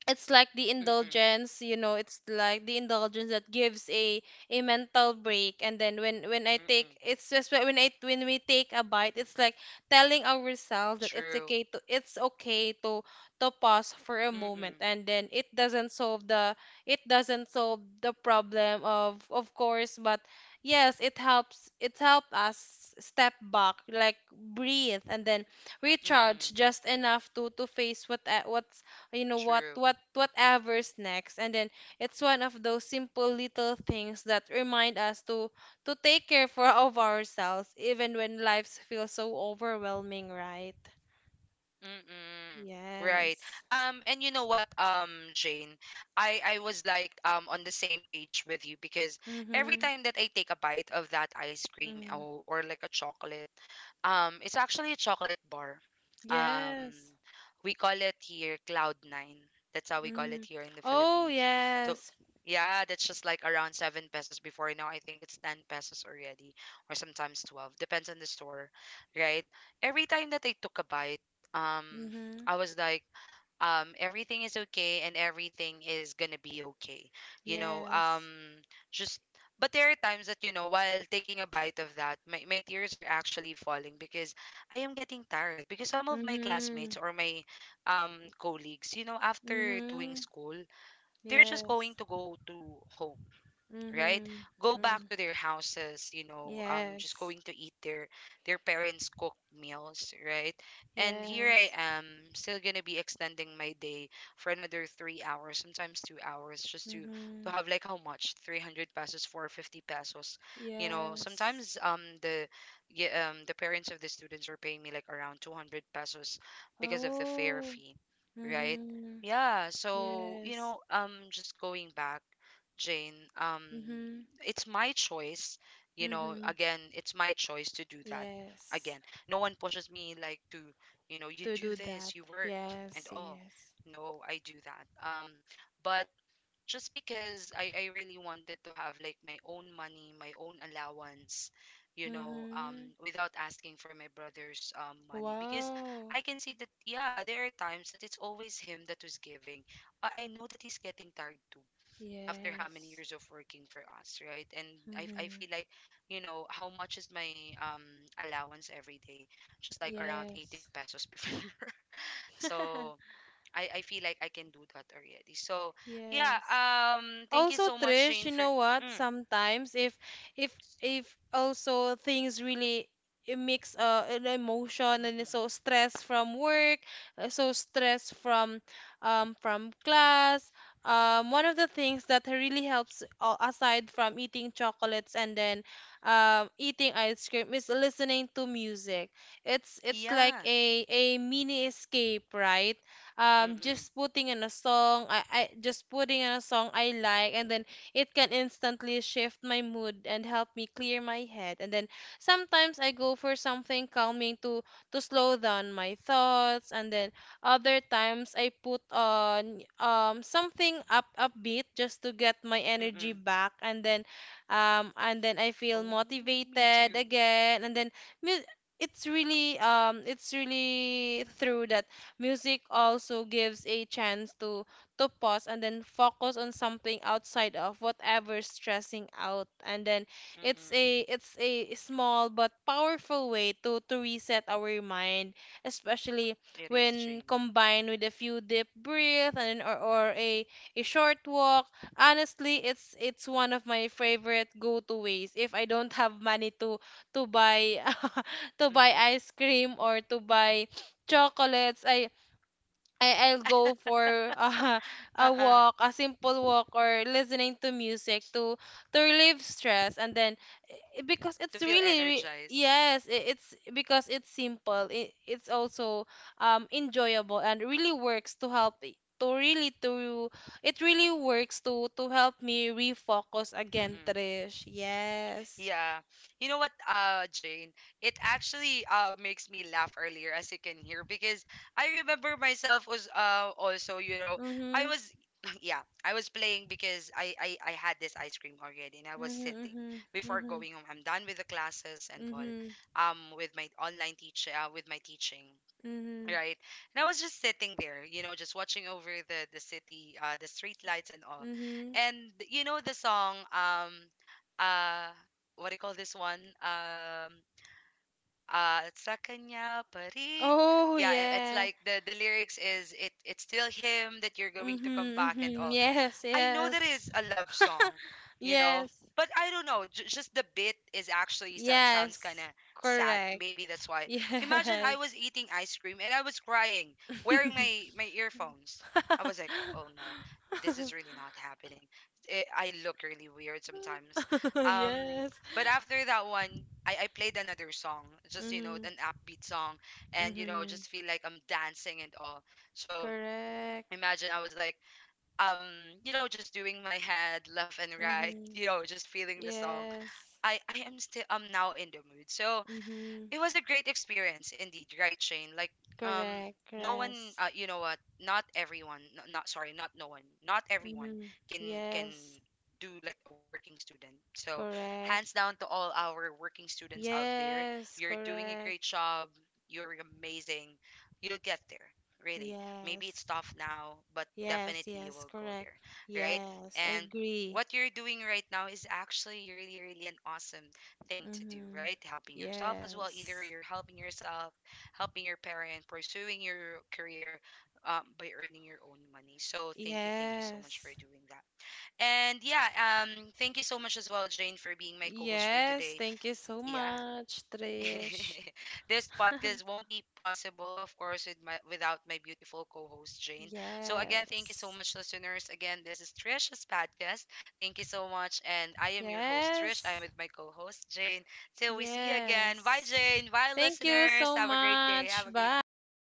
Speaker 2: it's like the
Speaker 1: Mm-mm.
Speaker 2: indulgence, you know, it's like the indulgence that gives a mental break. And then when I take
Speaker 1: Mm-mm.
Speaker 2: it's just like when I when we take a bite, it's like telling ourselves that it's
Speaker 1: True.
Speaker 2: okay to, it's okay to pause for a moment.
Speaker 1: Mm-mm.
Speaker 2: And then it doesn't solve the, it doesn't solve the problem, of course, but yes it helps, it helped us step back, like breathe, and then recharge
Speaker 1: Mm-mm.
Speaker 2: just enough to face what's, you know,
Speaker 1: True.
Speaker 2: whatever's next. And then it's one of those simple little things that remind us to take care for of ourselves even when life feels so overwhelming, right?
Speaker 1: Mm-mm. Right.
Speaker 2: Yes.
Speaker 1: And you know what, Jane, I was like on the same page with you because every
Speaker 2: Mm-hmm.
Speaker 1: time that I take a bite of that ice cream,
Speaker 2: Mm.
Speaker 1: or like a chocolate, it's actually a chocolate bar. Um,
Speaker 2: Yes.
Speaker 1: we call it here Cloud Nine. That's how we call it
Speaker 2: Mm.
Speaker 1: here in the
Speaker 2: Oh
Speaker 1: Philippines. So
Speaker 2: yes.
Speaker 1: yeah, that's just like around 7 pesos before. Now I think it's 10 pesos already, or sometimes twelve, depends on the store, right? Every time that I took a bite, um
Speaker 2: Mm-hmm.
Speaker 1: I was like, everything is okay and everything is gonna be okay, you know,
Speaker 2: Yes.
Speaker 1: just, but there are times that, you know, while taking a bite of that, my tears are actually falling because I am getting tired, because some of my
Speaker 2: Mm-hmm.
Speaker 1: classmates or my colleagues, you know, after doing
Speaker 2: Mm-hmm.
Speaker 1: school, they're just going
Speaker 2: Yes.
Speaker 1: to go to home, right?
Speaker 2: Mm-hmm.
Speaker 1: Go
Speaker 2: Mm.
Speaker 1: back to their houses, you know, just
Speaker 2: Yes,
Speaker 1: going to eat their parents cooked meals, right? And here I
Speaker 2: yes.
Speaker 1: am still going to be extending my day for another 3 hours, sometimes 2 hours, just to
Speaker 2: Mm-hmm.
Speaker 1: have like how much, 300 pesos, 450 pesos, you know.
Speaker 2: Yes.
Speaker 1: Sometimes the yeah, the parents of the students are paying me like around 200 pesos because of the fare
Speaker 2: Oh,
Speaker 1: fee, right?
Speaker 2: mm-hmm.
Speaker 1: Yeah, so you
Speaker 2: Yes.
Speaker 1: know, just going back, Jane,
Speaker 2: Mm-hmm.
Speaker 1: it's my choice. You know,
Speaker 2: Mm-hmm.
Speaker 1: again, it's my choice to do that.
Speaker 2: Yes.
Speaker 1: Again, no one pushes me like to, you know,
Speaker 2: To
Speaker 1: you
Speaker 2: do
Speaker 1: do
Speaker 2: that.
Speaker 1: this, you work,
Speaker 2: Yes,
Speaker 1: and all.
Speaker 2: yes.
Speaker 1: No, I do that. But just because I really wanted to have like my own money, my own allowance, you know,
Speaker 2: Mm-hmm.
Speaker 1: without asking for my brother's money, because
Speaker 2: Wow.
Speaker 1: I can see that, yeah, there are times that it's always him that was giving. I know that he's getting tired too after how
Speaker 2: Yes.
Speaker 1: many years of working for us, right? And I,
Speaker 2: Mm-hmm.
Speaker 1: I feel like, you know, how much is my allowance every day? Just like around
Speaker 2: Yes.
Speaker 1: 80 pesos before. So I feel like I can do that already. So yeah,
Speaker 2: Yes.
Speaker 1: thank you
Speaker 2: Also
Speaker 1: so much,
Speaker 2: Trish,
Speaker 1: Jane,
Speaker 2: you
Speaker 1: for
Speaker 2: know what?
Speaker 1: mm,
Speaker 2: Sometimes if if also things really mix an emotion, and so
Speaker 1: mm-mm.
Speaker 2: stress from work, so stress from class. One of the things that really helps, aside from eating chocolates and then eating ice cream, is listening to music. It's like
Speaker 1: Yeah.
Speaker 2: a mini escape, right?
Speaker 1: Mm-mm.
Speaker 2: Just putting in a song, I just putting in a song I like, and then it can instantly shift my mood and help me clear my head. And then sometimes I go for something calming to slow down my thoughts. And then other times I put on something up upbeat just to get my energy
Speaker 1: Mm-mm.
Speaker 2: back. And then and then I feel
Speaker 1: Oh, me
Speaker 2: motivated
Speaker 1: too.
Speaker 2: again. And then mu- it's really, it's really through that music also gives a chance to pause and then focus on something outside of whatever's stressing out. And then it's a,
Speaker 1: Mm-mm.
Speaker 2: it's a small but powerful way to reset our mind, especially
Speaker 1: It is,
Speaker 2: when
Speaker 1: Jane.
Speaker 2: combined with a few deep breath and, or, a short walk. Honestly, it's one of my favorite go-to ways. If I don't have money to buy to buy
Speaker 1: Mm-mm.
Speaker 2: ice cream or to buy chocolates, I I'll go for a
Speaker 1: Uh-uh.
Speaker 2: walk, a simple walk, or listening to music to relieve stress. And then because it's
Speaker 1: To feel
Speaker 2: really
Speaker 1: energized.
Speaker 2: yes, it's because it's simple. It, it's also enjoyable and really works to help I- to really to it really works to help me refocus again,
Speaker 1: Mm-mm.
Speaker 2: Trish. Yes.
Speaker 1: Yeah. You know what, Jane? It actually makes me laugh earlier, as you can hear, because I remember myself was also, you know, I
Speaker 2: Mhm.
Speaker 1: was yeah, I was playing because I had this ice cream already and I was sitting
Speaker 2: Mhm.
Speaker 1: before
Speaker 2: Mhm.
Speaker 1: going home. I'm done with the classes and all,
Speaker 2: Mhm.
Speaker 1: with my online teacher, with my teaching.
Speaker 2: Mhm.
Speaker 1: Right. And I was just sitting there, you know, just watching over the city, the street lights and all.
Speaker 2: Mhm. Mhm.
Speaker 1: And you know the song, uh, what do you call this one? Sa kanya pa rin.
Speaker 2: Oh,
Speaker 1: Yeah, it's
Speaker 2: yes.
Speaker 1: like the lyrics is it's still him that you're going
Speaker 2: Mm-hmm,
Speaker 1: to come back and
Speaker 2: mm-hmm.
Speaker 1: all.
Speaker 2: Yes,
Speaker 1: I know that
Speaker 2: yes.
Speaker 1: is a love song, you know,
Speaker 2: Yes,
Speaker 1: but I don't know. Just the bit is actually sounds kind
Speaker 2: yes.
Speaker 1: of sad.
Speaker 2: Correct.
Speaker 1: Maybe that's why. Imagine
Speaker 2: Yes.
Speaker 1: I was eating ice cream and I was crying, wearing my earphones. I was like, oh no, this is really not happening. It, I look really weird sometimes. Um,
Speaker 2: Yes.
Speaker 1: but after that one. I played another song, just you know,
Speaker 2: Mm-hmm,
Speaker 1: an upbeat song, and you know,
Speaker 2: mm-hmm.
Speaker 1: just feel like I'm dancing and all. So
Speaker 2: Correct.
Speaker 1: imagine I was like, um you know, just doing my head left and right
Speaker 2: Mm-hmm.
Speaker 1: you know, just feeling the song.
Speaker 2: Yes.
Speaker 1: I am still, I'm now in the mood. So
Speaker 2: Mm-hmm.
Speaker 1: it was a great experience indeed, right, Shane? Like, um,
Speaker 2: Correct,
Speaker 1: no one,
Speaker 2: yes.
Speaker 1: you know what? Not everyone, not, sorry, not no one, not
Speaker 2: Mm-hmm.
Speaker 1: everyone can can
Speaker 2: Yes.
Speaker 1: do like a working student. So
Speaker 2: Correct.
Speaker 1: hands down to all our working students out there,
Speaker 2: Yes,
Speaker 1: you're doing a
Speaker 2: correct.
Speaker 1: great job. You're amazing. You'll get there. Really. Maybe
Speaker 2: Yes.
Speaker 1: it's tough now, but
Speaker 2: Yes,
Speaker 1: definitely you
Speaker 2: yes,
Speaker 1: will go
Speaker 2: correct.
Speaker 1: there, right?
Speaker 2: Yes, I
Speaker 1: And
Speaker 2: agree.
Speaker 1: what you're doing right now is actually really, really an awesome thing to do,
Speaker 2: Mm-hmm.
Speaker 1: right? Helping yourself as well. Either
Speaker 2: Yes.
Speaker 1: you're helping yourself, helping your parent, pursuing your career, by earning your own money. So thank you so much for
Speaker 2: Yes.
Speaker 1: doing that. And yeah, thank you so much as well, Jane, for being my co-host for
Speaker 2: Yes,
Speaker 1: today.
Speaker 2: thank you so
Speaker 1: Yeah.
Speaker 2: much, Trish.
Speaker 1: This podcast won't be possible, of course, with my, without my beautiful co-host Jane. So again, thank you so
Speaker 2: Yes.
Speaker 1: much, listeners. Again, this is Trish's podcast. Thank you so much, and I am your host Trish. I'm
Speaker 2: Yes.
Speaker 1: with my co-host Jane. Till we see you again. Bye,
Speaker 2: Yes.
Speaker 1: Jane. Bye,
Speaker 2: Thank you
Speaker 1: listeners.
Speaker 2: so
Speaker 1: Have a great day. Have a
Speaker 2: much.
Speaker 1: great night.
Speaker 2: Bye.